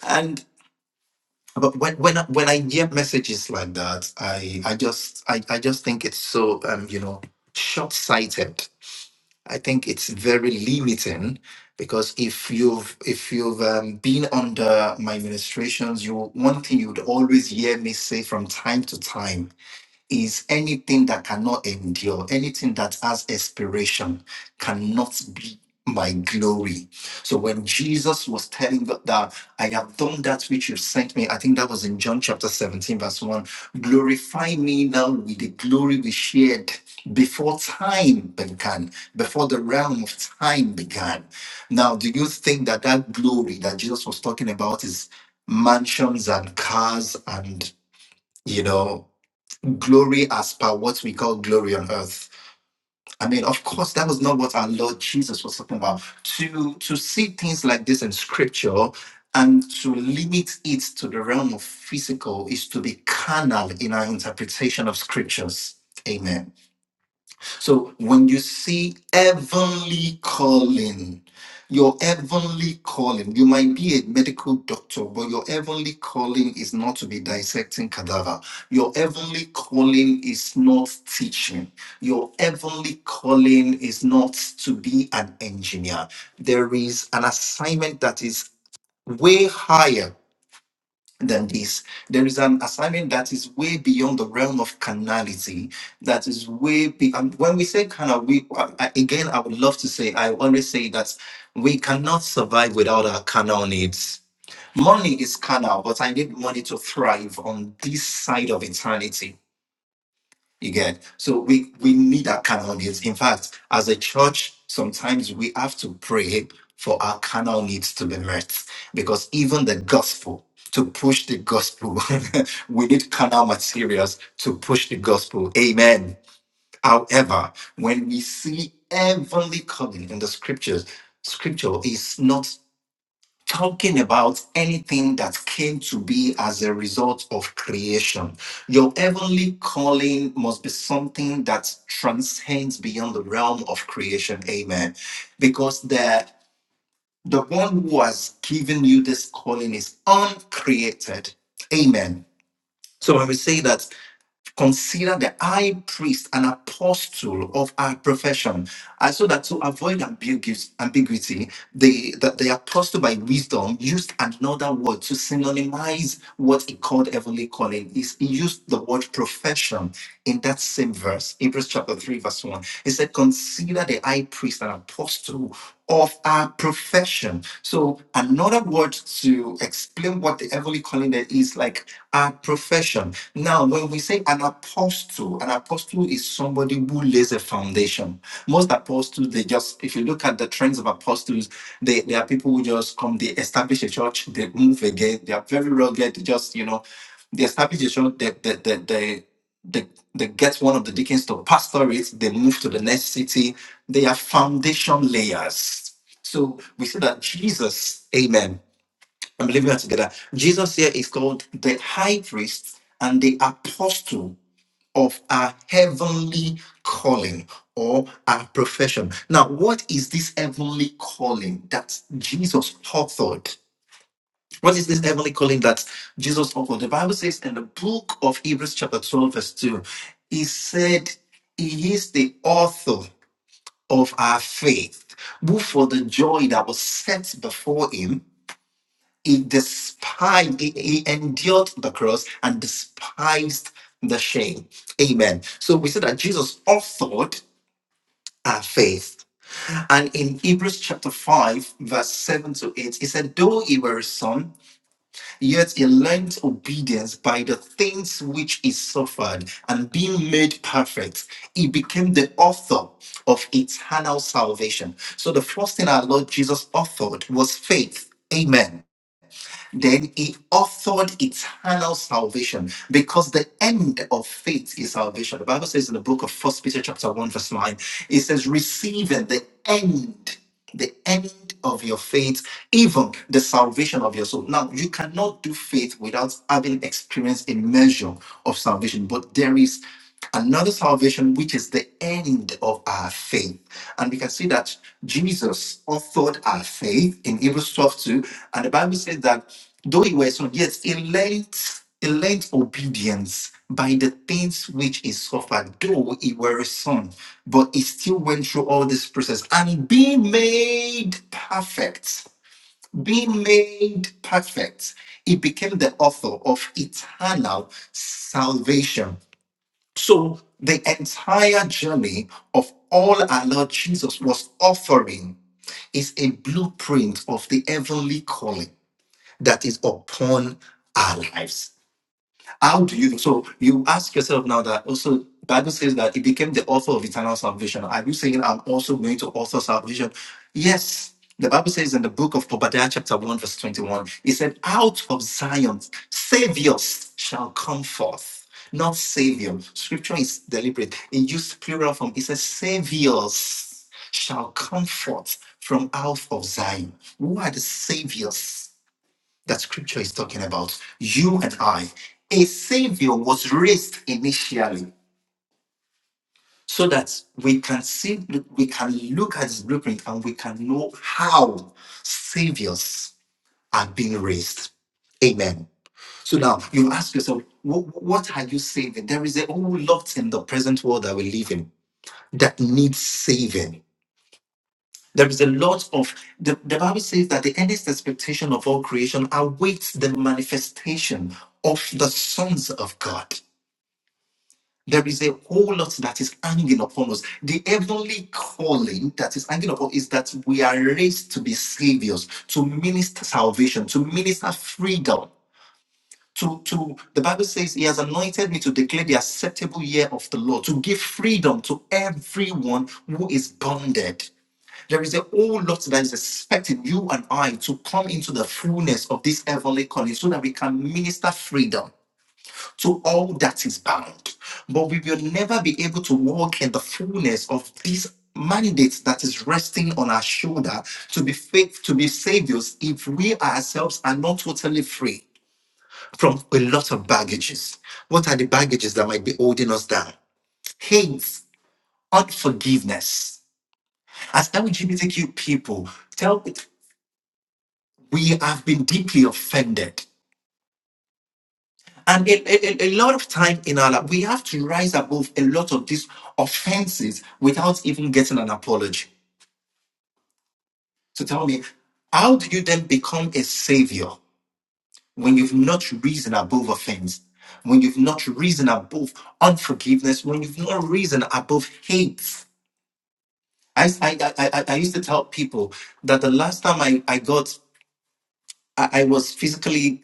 Speaker 1: And but when when I, when I hear messages like that, I I just I, I just think it's so um, you know short sighted. I think it's very limiting because if you've if you've um, been under my ministrations, you one thing you would always hear me say from time to time is anything that cannot endure, anything that has expiration cannot be my glory. So when Jesus was telling God that I have done that which you sent me, I think that was in John chapter 17, verse 1. Glorify me now with the glory we shared before time began, before the realm of time began. Now, do you think that that glory that Jesus was talking about is mansions and cars and, you know, glory as per what we call glory on earth. I mean, of course, that was not what our Lord Jesus was talking about. To to see things like this in scripture and to limit it to the realm of physical is to be carnal in our interpretation of scriptures. Amen. So when you see heavenly calling, your heavenly calling, you might be a medical doctor, but your heavenly calling is not to be dissecting cadaver. Your heavenly calling is not teaching. Your heavenly calling is not to be an engineer. There is an assignment that is way higher than this. There is an assignment that is way beyond the realm of carnality. That is way be- and when we say carnal, we I- I- again I would love to say I always say that we cannot survive without our carnal needs. Money is carnal, but I need money to thrive on this side of eternity. You get so we we need our carnal needs. In fact, as a church, sometimes we have to pray for our carnal needs to be met because even the gospel to push the gospel, we need carnal materials to push the gospel. Amen. However, when we see heavenly calling in the scriptures, scripture is not talking about anything that came to be as a result of creation. Your heavenly calling must be something that transcends beyond the realm of creation. Amen. Because the the one who has given you this calling is uncreated. Amen. So when we say that consider the high priest an apostle of our profession and so that to avoid ambigu- ambiguity the, the, the apostle by wisdom used another word to synonymize what he called heavenly calling is he used the word profession in that same verse hebrews chapter 3 verse 1 he said consider the high priest an apostle of our profession so another word to explain what the heavenly calling there is like our profession now, when we say an apostle, an apostle is somebody who lays a foundation. Most apostles, they just, if you look at the trends of apostles, they, they are people who just come, they establish a church, they move again, they are very rugged, they just, you know, they establish a church, they, they, they, they, they, they get one of the deacons to pastor it, they move to the next city. They are foundation layers. So we see that Jesus, amen I'm believing that together. Jesus here is called the high priest and the apostle of our heavenly calling or our profession. Now, what is this heavenly calling that Jesus authored? What is this heavenly calling that Jesus authored? The Bible says in the book of Hebrews, chapter 12, verse 2, he said, He is the author of our faith, who for the joy that was set before him he despised, he, he endured the cross and despised the shame. Amen. So we see that Jesus authored our faith. And in Hebrews chapter 5, verse 7 to 8, he said, Though he were a son, yet he learned obedience by the things which he suffered, and being made perfect, he became the author of eternal salvation. So the first thing our Lord Jesus authored was faith. Amen. Then he authored eternal salvation because the end of faith is salvation. The Bible says in the book of First Peter chapter 1, verse 9, it says, receiving the end, the end of your faith, even the salvation of your soul. Now you cannot do faith without having experienced a measure of salvation, but there is another salvation which is the end of our faith. And we can see that Jesus authored our faith in Hebrews 12 two. And the Bible says that Though you were son, yes, he learned, he elect obedience by the things which he suffered, though he were a son, but he still went through all this process and being made perfect, being made perfect, he became the author of eternal salvation. So the entire journey of all our Lord Jesus was offering is a blueprint of the heavenly calling that is upon our lives. How do you so you ask yourself now that also Bible says that he became the author of eternal salvation. Are you saying I'm also going to author salvation? Yes. The Bible says in the book of Obadiah, chapter 1, verse 21, it said, Out of Zion, saviors shall come forth. Not savior. Scripture is deliberate. It used plural form. It says, Saviors shall come forth from out of Zion. Who are the saviors? that scripture is talking about, you and I, a savior was raised initially so that we can see, we can look at his blueprint and we can know how saviors are being raised. Amen. So now you ask yourself, what, what are you saving? There is a whole lot in the present world that we live in that needs saving There is a lot of the, the Bible says that the earnest expectation of all creation awaits the manifestation of the sons of God. There is a whole lot that is hanging upon us. The heavenly calling that is hanging upon is that we are raised to be saviors, to minister salvation, to minister freedom. To, to the Bible says, He has anointed me to declare the acceptable year of the Lord, to give freedom to everyone who is bonded. There is a whole lot that is expecting you and I to come into the fullness of this heavenly calling so that we can minister freedom to all that is bound. But we will never be able to walk in the fullness of this mandate that is resting on our shoulder to be faith, to be saviors, if we ourselves are not totally free from a lot of baggages. What are the baggages that might be holding us down? Hate, unforgiveness. As LGBTQ people, tell we have been deeply offended. And a, a, a lot of time in our life, we have to rise above a lot of these offenses without even getting an apology. So tell me, how do you then become a savior when you've not risen above offense, when you've not risen above unforgiveness, when you've not risen above hate? I, I, I, I I used to tell people that the last time I, I got, I, I was physically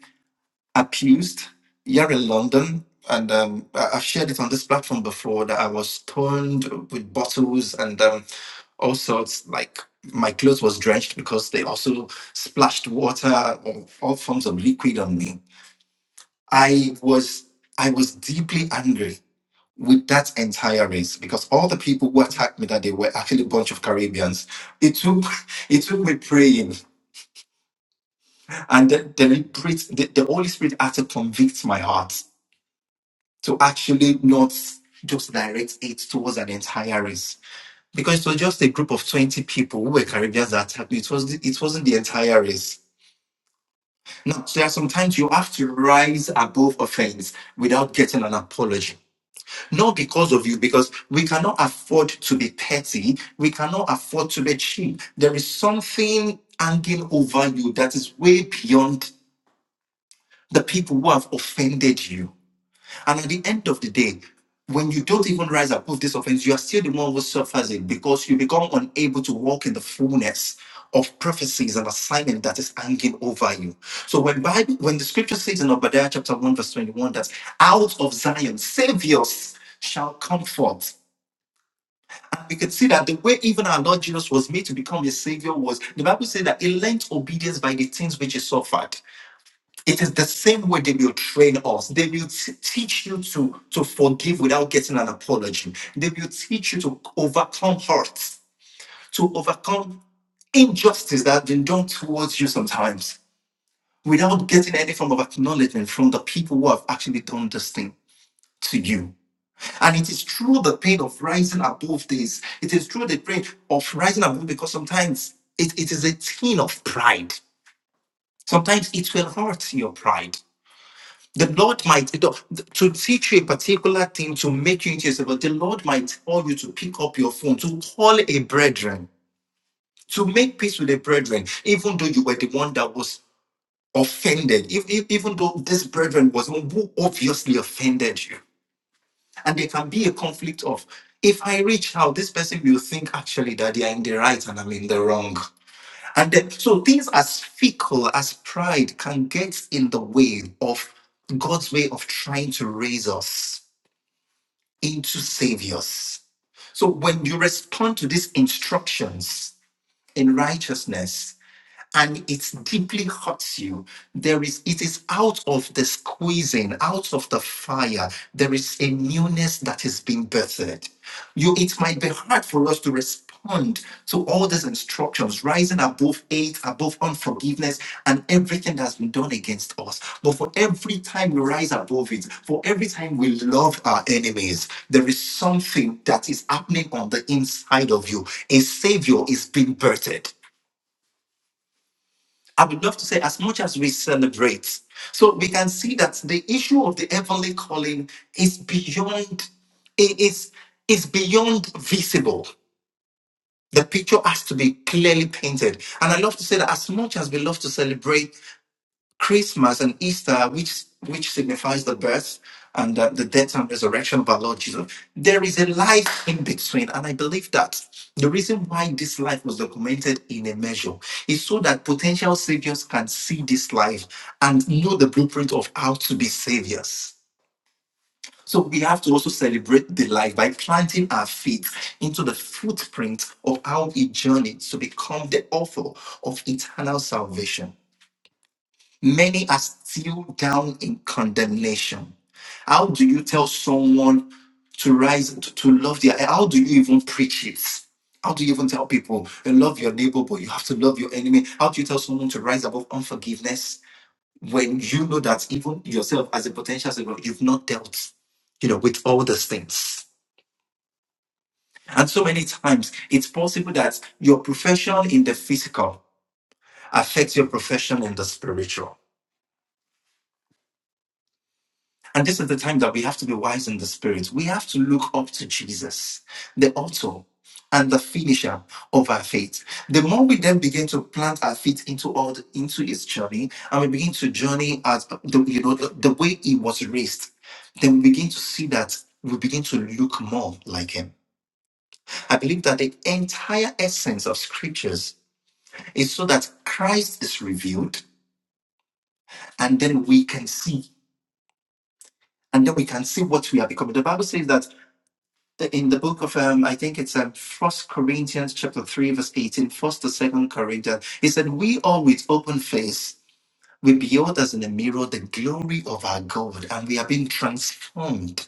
Speaker 1: abused here in London. And um, I- I've shared it on this platform before that I was torn with bottles and um, all sorts. Like my clothes was drenched because they also splashed water or all forms of liquid on me. I was I was deeply angry with that entire race because all the people who attacked me that day were actually a bunch of Caribbeans. It took it took me praying and the the, Spirit, the, the Holy Spirit had to convict my heart to actually not just direct it towards an entire race because it was just a group of 20 people who were Caribbeans that attacked me. It, was, it wasn't the entire race. Now, there are sometimes you have to rise above offense without getting an apology. Not because of you, because we cannot afford to be petty. We cannot afford to be cheap. There is something hanging over you that is way beyond the people who have offended you And at the end of the day, when you don't even rise above this offense, you are still the one who suffers it because you become unable to walk in the fullness of prophecies and assignment that is hanging over you. So when Bible, when the scripture says in Obadiah chapter 1, verse 21, that out of Zion saviors shall come forth. And we could see that the way even our Lord Jesus was made to become a savior was the Bible says that he learned obedience by the things which he suffered. It is the same way they will train us. They will t- teach you to, to forgive without getting an apology. They will teach you to overcome hurts, to overcome injustice that have been done towards you sometimes without getting any form of acknowledgement from the people who have actually done this thing to you. And it is through the pain of rising above this. It is through the pain of rising above because sometimes it, it is a thing of pride. Sometimes it will hurt your pride. The Lord might to teach you a particular thing to make you into yourself, but the Lord might call you to pick up your phone, to call a brethren, to make peace with a brethren, even though you were the one that was offended, if, if- even though this brethren was the one who obviously offended you. And there can be a conflict of if I reach out, this person will think actually that they are in the right and I'm in the wrong. And then, so things as fickle as pride can get in the way of God's way of trying to raise us into saviors. So when you respond to these instructions in righteousness, and it deeply hurts you there is it is out of the squeezing out of the fire there is a newness that is being birthed you it might be hard for us to respond to all these instructions rising above hate above unforgiveness and everything that's been done against us but for every time we rise above it for every time we love our enemies there is something that is happening on the inside of you a savior is being birthed I would love to say, as much as we celebrate, so we can see that the issue of the heavenly calling is beyond, it is, is beyond visible. The picture has to be clearly painted. And I love to say that as much as we love to celebrate Christmas and Easter, which which signifies the birth and uh, the death and resurrection of our Lord Jesus, there is a life in between, and I believe that the reason why this life was documented in a measure is so that potential saviors can see this life and know the blueprint of how to be saviors. So we have to also celebrate the life by planting our feet into the footprint of how he journeyed to become the author of eternal salvation. Many are still down in condemnation. How do you tell someone to rise to, to love their how do you even preach it? How do you even tell people you love your neighbor, but you have to love your enemy? How do you tell someone to rise above unforgiveness when you know that even yourself as a potential savior, you've not dealt, you know, with all those things? And so many times it's possible that your profession in the physical affects your profession in the spiritual And this is the time that we have to be wise in the spirit. We have to look up to Jesus, the author and the finisher of our faith. The more we then begin to plant our feet into all the, into his journey, and we begin to journey as the, you know the, the way he was raised, then we begin to see that we begin to look more like him. I believe that the entire essence of scriptures is so that Christ is revealed, and then we can see and then we can see what we are becoming. The Bible says that in the book of um, I think it's um, First Corinthians chapter three verse eighteen, first to second Corinthians. He said, "We all with open face we behold as in a mirror the glory of our God, and we are being transformed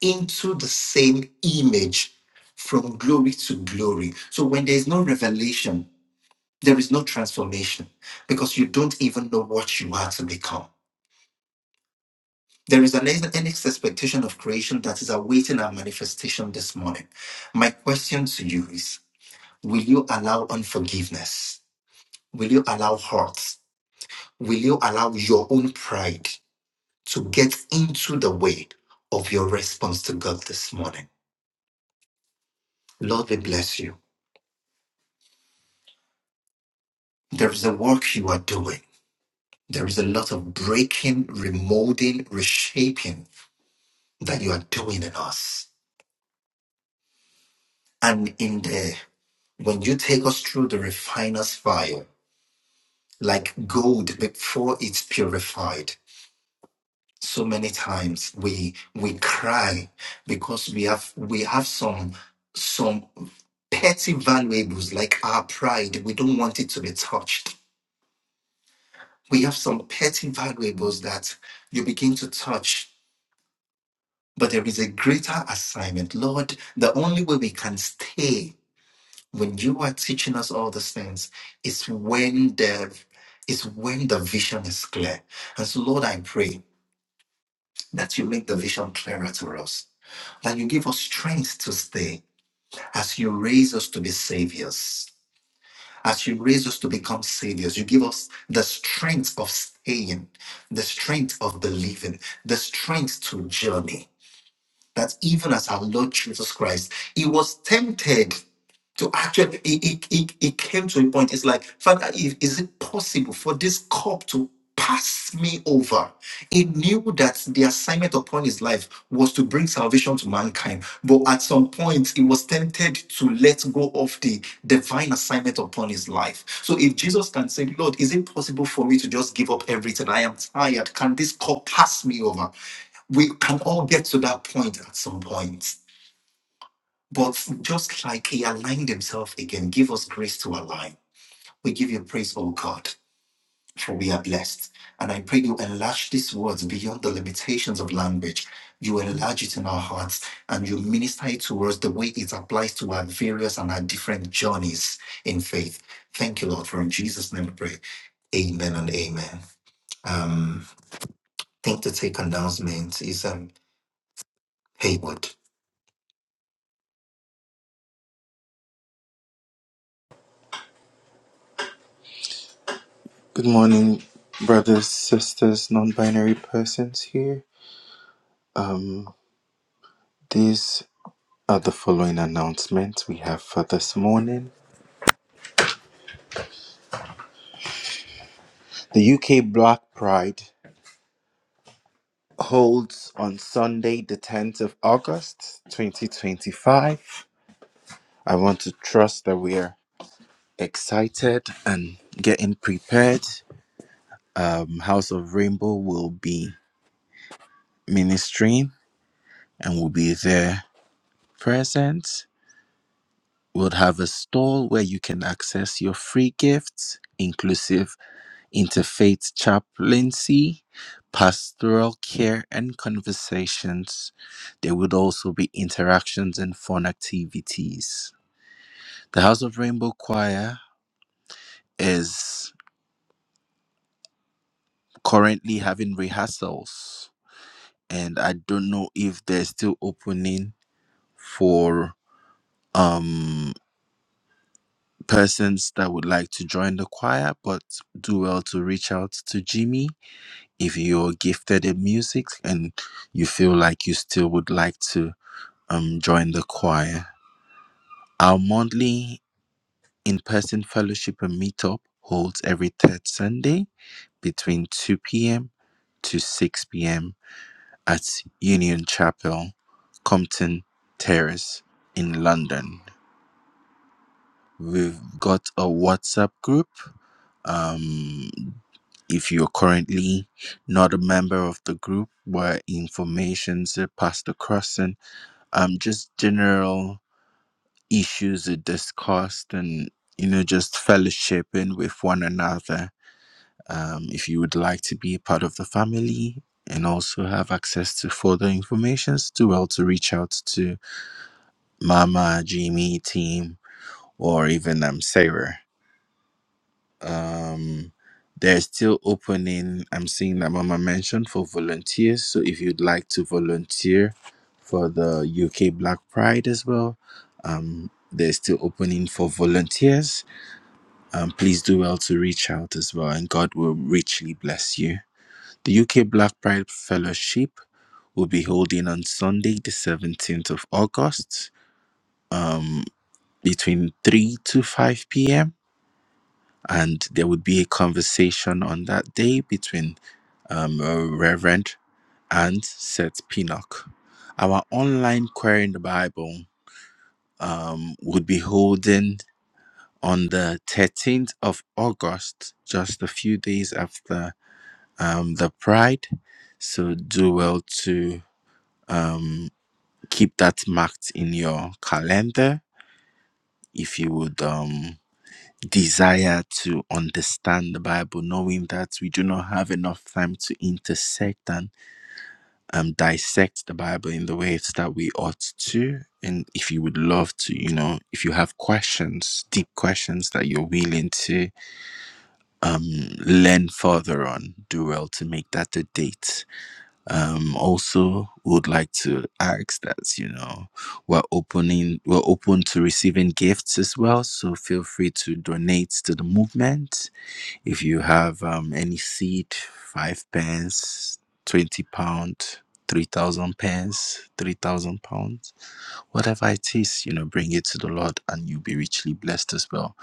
Speaker 1: into the same image from glory to glory." So when there is no revelation, there is no transformation because you don't even know what you are to become. There is an, endless expectation of creation that is awaiting our manifestation this morning. My question to you is Will you allow unforgiveness? Will you allow hurt? Will you allow your own pride to get into the way of your response to God this morning? Lord, we bless you. There is a work you are doing. There is a lot of breaking, remolding, reshaping that you are doing in us. And in the when you take us through the refiner's fire, like gold before it's purified, so many times we we cry because we have we have some some petty valuables like our pride we don't want it to be touched we have some petty valuables that you begin to touch but there is a greater assignment lord the only way we can stay when you are teaching us all these things is when the is when the vision is clear and so lord i pray that you make the vision clearer to us that you give us strength to stay as you raise us to be saviors. As you raise us to become saviors, you give us the strength of staying, the strength of believing, the strength to journey that even as our Lord Jesus Christ, he was tempted to actually, he, he, he, he came to a point, it's like, Father, if, is it possible for this cup to pass me over? He knew that the assignment upon his life was to bring salvation to mankind, but at some point, he was tempted to let go of the divine assignment upon his life. So if Jesus can say, Lord, is it possible for me to just give up everything? I am tired. Can this cup pass me over? we can all get to that point at some point. But just like he aligned himself again, give us grace to align. We give you praise, O God, for we are blessed. And I pray you enlarge these words beyond the limitations of language. You enlarge it in our hearts and you minister it to us the way it applies to our various and our different journeys in faith. Thank you, Lord, for in Jesus' name we pray. Amen and amen. Um, I think the take announcement is um Haywood.
Speaker 4: Good morning, brothers, sisters, non binary persons here. Um, these are the following announcements we have for this morning. The UK Black Pride holds on Sunday, the 10th of August, 2025. I want to trust that we are excited and getting prepared. Um, House of Rainbow will be ministering and will be there present. We'll have a stall where you can access your free gifts, inclusive interfaith chaplaincy, pastoral care, and conversations. There would also be interactions and fun activities. The House of Rainbow Choir is currently having rehearsals and I don't know if there's still opening for um persons that would like to join the choir, but do well to reach out to Jimmy if you're gifted in music and you feel like you still would like to um join the choir. Our monthly in-person fellowship and meetup holds every third Sunday between 2 p.m. to 6 p.m. at Union Chapel, Compton Terrace in London. We've got a WhatsApp group. Um, if you're currently not a member of the group where information's passed across and um, just general issues are discussed and you know just fellowshipping with one another um, if you would like to be a part of the family and also have access to further informations do well to reach out to Mama, Jimmy, team, or even um, Sarah. Um, they're still opening. I'm seeing that Mama mentioned for volunteers. So if you'd like to volunteer for the UK Black Pride as well, um, they're still opening for volunteers. Um, please do well to reach out as well, and God will richly bless you. The UK Black Pride Fellowship will be holding on Sunday, the 17th of August. Um, between 3 to 5 p.m. And there would be a conversation on that day between um, uh, Reverend and Seth Pinnock. Our online Query in the Bible um, would be holding on the 13th of August, just a few days after um, the Pride. So do well to um, keep that marked in your calendar if you would. Um, desire to understand the Bible, knowing that we do not have enough time to intersect and um, dissect the Bible in the ways that we ought to. And if you would love to, you know, if you have questions, deep questions that you're willing to um, learn further on, do well to make that a date. Um, also, would like to ask that you know we're opening, we're open to receiving gifts as well. So feel free to donate to the movement if you have um, any seed, five pence, 20 pounds, 3,000 pence, 3,000 pounds, whatever it is, you know, bring it to the Lord and you'll be richly blessed as well.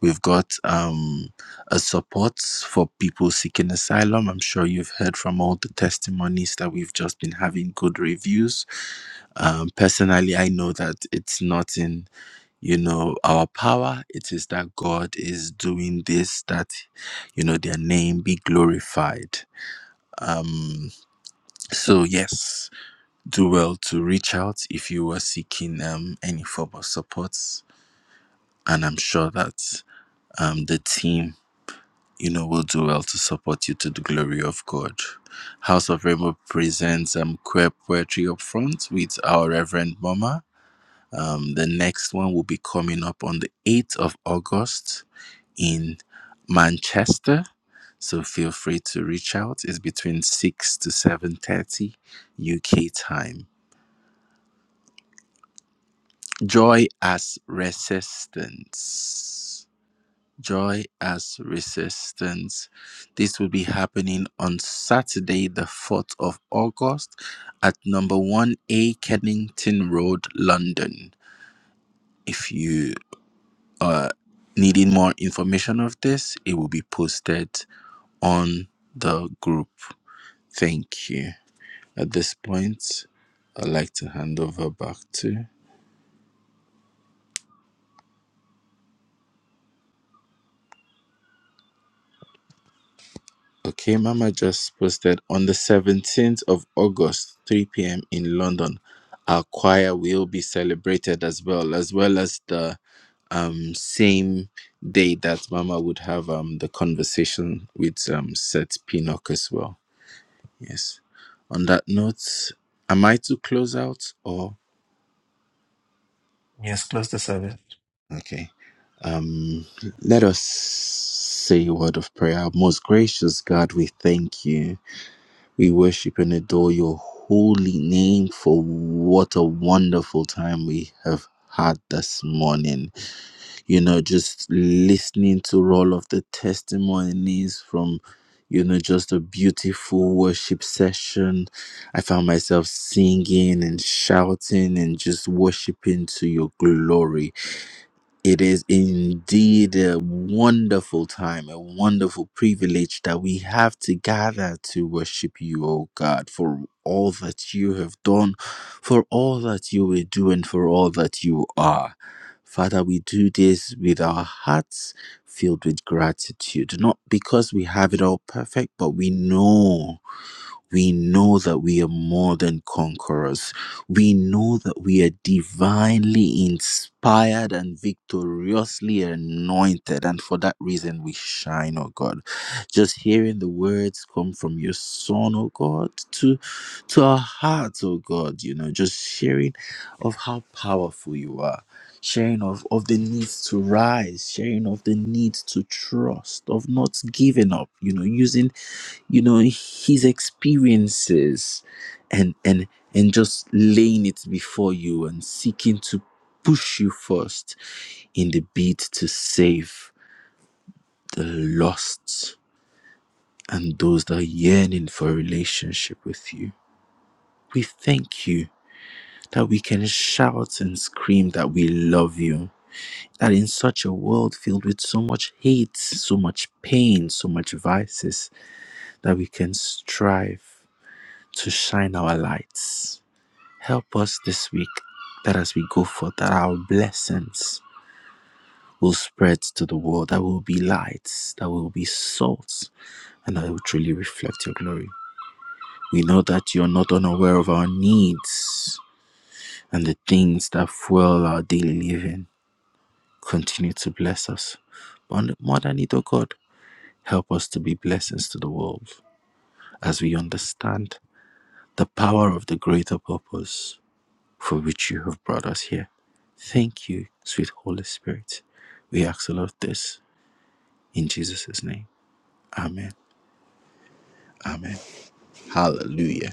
Speaker 4: We've got um, a support for people seeking asylum. I'm sure you've heard from all the testimonies that we've just been having good reviews um, personally i know that it's not in you know our power it is that god is doing this that you know their name be glorified um so yes do well to reach out if you were seeking um any form of support and i'm sure that um the team you know will do well to support you to the glory of god house of rainbow presents um queer poetry up front with our reverend mama um, the next one will be coming up on the 8th of August in Manchester. So feel free to reach out. It's between 6 to 7.30 UK time. Joy as resistance. Joy as resistance. This will be happening on Saturday, the 4th of August at number 1A Kennington Road, London. If you are needing more information of this, it will be posted on the group. Thank you. At this point, I'd like to hand over back to. Okay, Mama just posted on the 17th of August, 3 p.m. in London. Our choir will be celebrated as well, as well as the um, same day that Mama would have um, the conversation with um, Seth Pinnock as well. Yes. On that note, am I to close out or?
Speaker 1: Yes, close the service.
Speaker 4: Okay. Um, let us say a word of prayer. Most gracious God, we thank you. We worship and adore your holy name for what a wonderful time we have had this morning. You know, just listening to all of the testimonies from you know, just a beautiful worship session. I found myself singing and shouting and just worshiping to your glory it is indeed a wonderful time, a wonderful privilege that we have to gather to worship you, O God, for all that you have done, for all that you will do, and for all that you are. Father, we do this with our hearts filled with gratitude, not because we have it all perfect, but we know we know that we are more than conquerors. We know that we are divinely inspired and victoriously anointed. And for that reason, we shine, oh God. Just hearing the words come from your Son, oh God, to, to our hearts, oh God, you know, just sharing of how powerful you are sharing of, of the need to rise, sharing of the need to trust, of not giving up, you know, using you know his experiences and and and just laying it before you and seeking to push you first in the bid to save the lost and those that are yearning for a relationship with you we thank you that we can shout and scream that we love you that in such a world filled with so much hate so much pain so much vices that we can strive to shine our lights Help us this week that as we go forth, that our blessings will spread to the world, that will be lights, that will be salt, and that will truly reflect your glory. We know that you're not unaware of our needs and the things that fuel our daily living. Continue to bless us. But more than it, oh God, help us to be blessings to the world as we understand the power of the greater purpose for which you have brought us here. Thank you, sweet Holy Spirit. We ask all of this in Jesus' name. Amen. Amen. Hallelujah.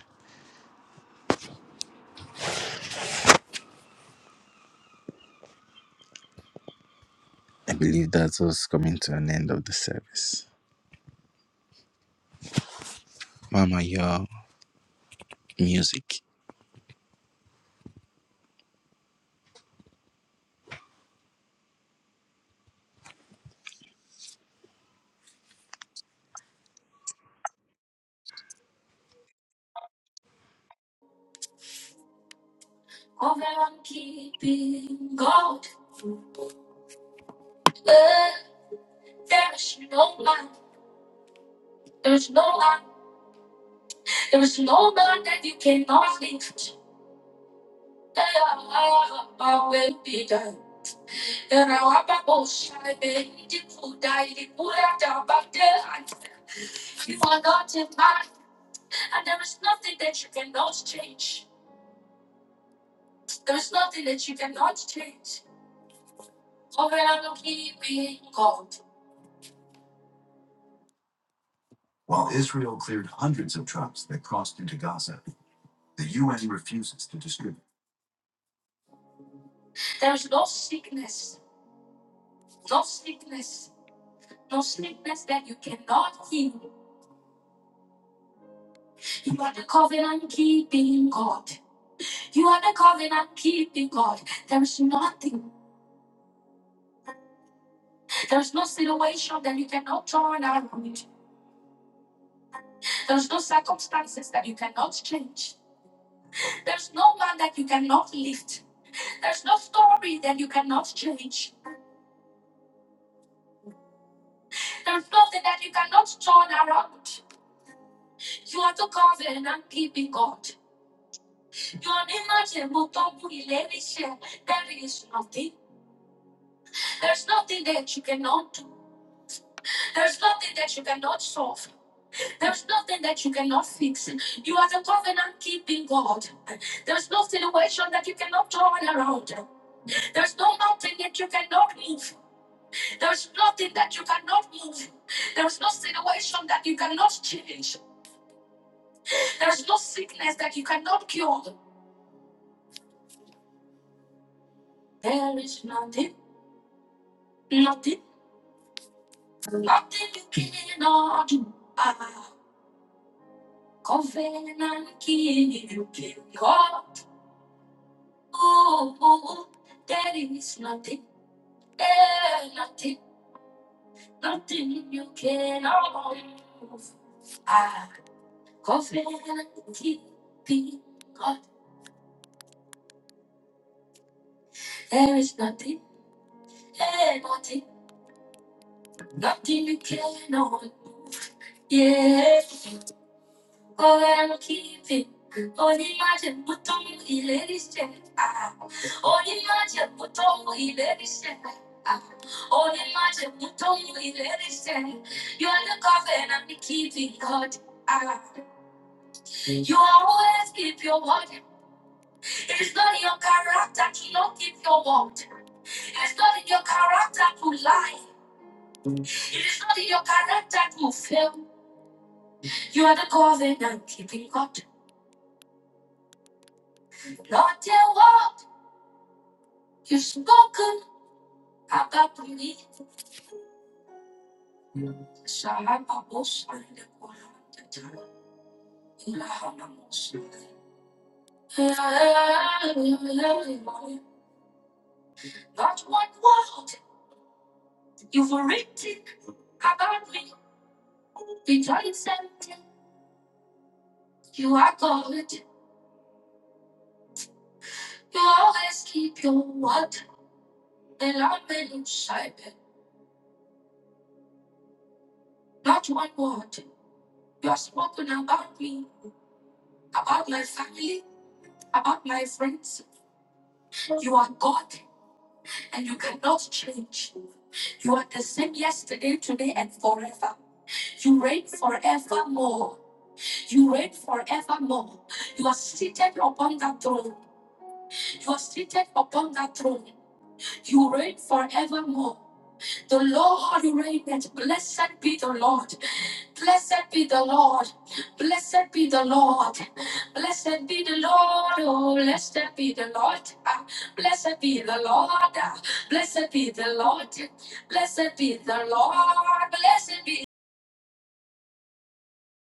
Speaker 4: I believe that's us coming to an end of the service. Mama, your music.
Speaker 1: All that I'm keeping God. But there's no one, there's no one, there's no one that you cannot lift. I will be done. And I have a I believe you could die, you could have done, but there I You are not in mind, and there is nothing that you cannot change. There is nothing that you cannot change. All that I'm keeping God. While Israel cleared hundreds of trucks that crossed into Gaza, The UN refuses to distribute. There's no sickness, no sickness, no sickness that you cannot heal. You are the covenant keeping God. You are the covenant keeping God. There is nothing, there's no situation that you cannot turn around. There's no circumstances that you cannot change. There's no man that you cannot lift. There's no story that you cannot change. There's nothing that you cannot turn around. You are the covenant keeping God. Your name is a mountain for elevation. There is nothing. There's nothing that you cannot do. There's nothing that you cannot solve. There's nothing that you cannot fix. You are the covenant keeping God. There's no situation that you cannot turn around. There's no mountain that you cannot move. There's nothing that you cannot move. There's no situation that you cannot change. There's no sickness that you cannot cure. There is nothing, nothing, nothing you cannot do. Ah. Covenant keeping God. Oh, oh, oh, there is nothing, eh, nothing, nothing you cannot move. Ah, covenant keeping God. There is nothing, eh, nothing, nothing you cannot move. Yeah, all that I'm keeping. Only imagine what don't you illusion. Only imagine what don't you illusion. Only imagine what don't you illusion. You are the covenant I'm keeping God. Ah, You always keep your word. It's not in your character to not keep your word. It's not in your character to lie. It is not in your character to fail. You are the covenant keeping God. Not a word you have spoken. Akapuli sahan abos ang nakulang tatang ilahan ang Not one word you've written about me. It's all something you are good. You always keep your word. And I'm inside. Not one word you have spoken about me, about my family, about my friends. You are God. and you cannot change. You are the same yesterday, today, and forever. You reign forevermore. You reign forevermore. You are seated upon that throne. You are seated upon that throne. You reign forevermore. The Lord reigneth. Blessed be the Lord. Blessed be the Lord. Blessed be the Lord. Blessed be the Lord. Oh, blessed be the Lord. Ah, Blessed be the Lord. Ah, Blessed be the Lord. Blessed be the Lord. Blessed be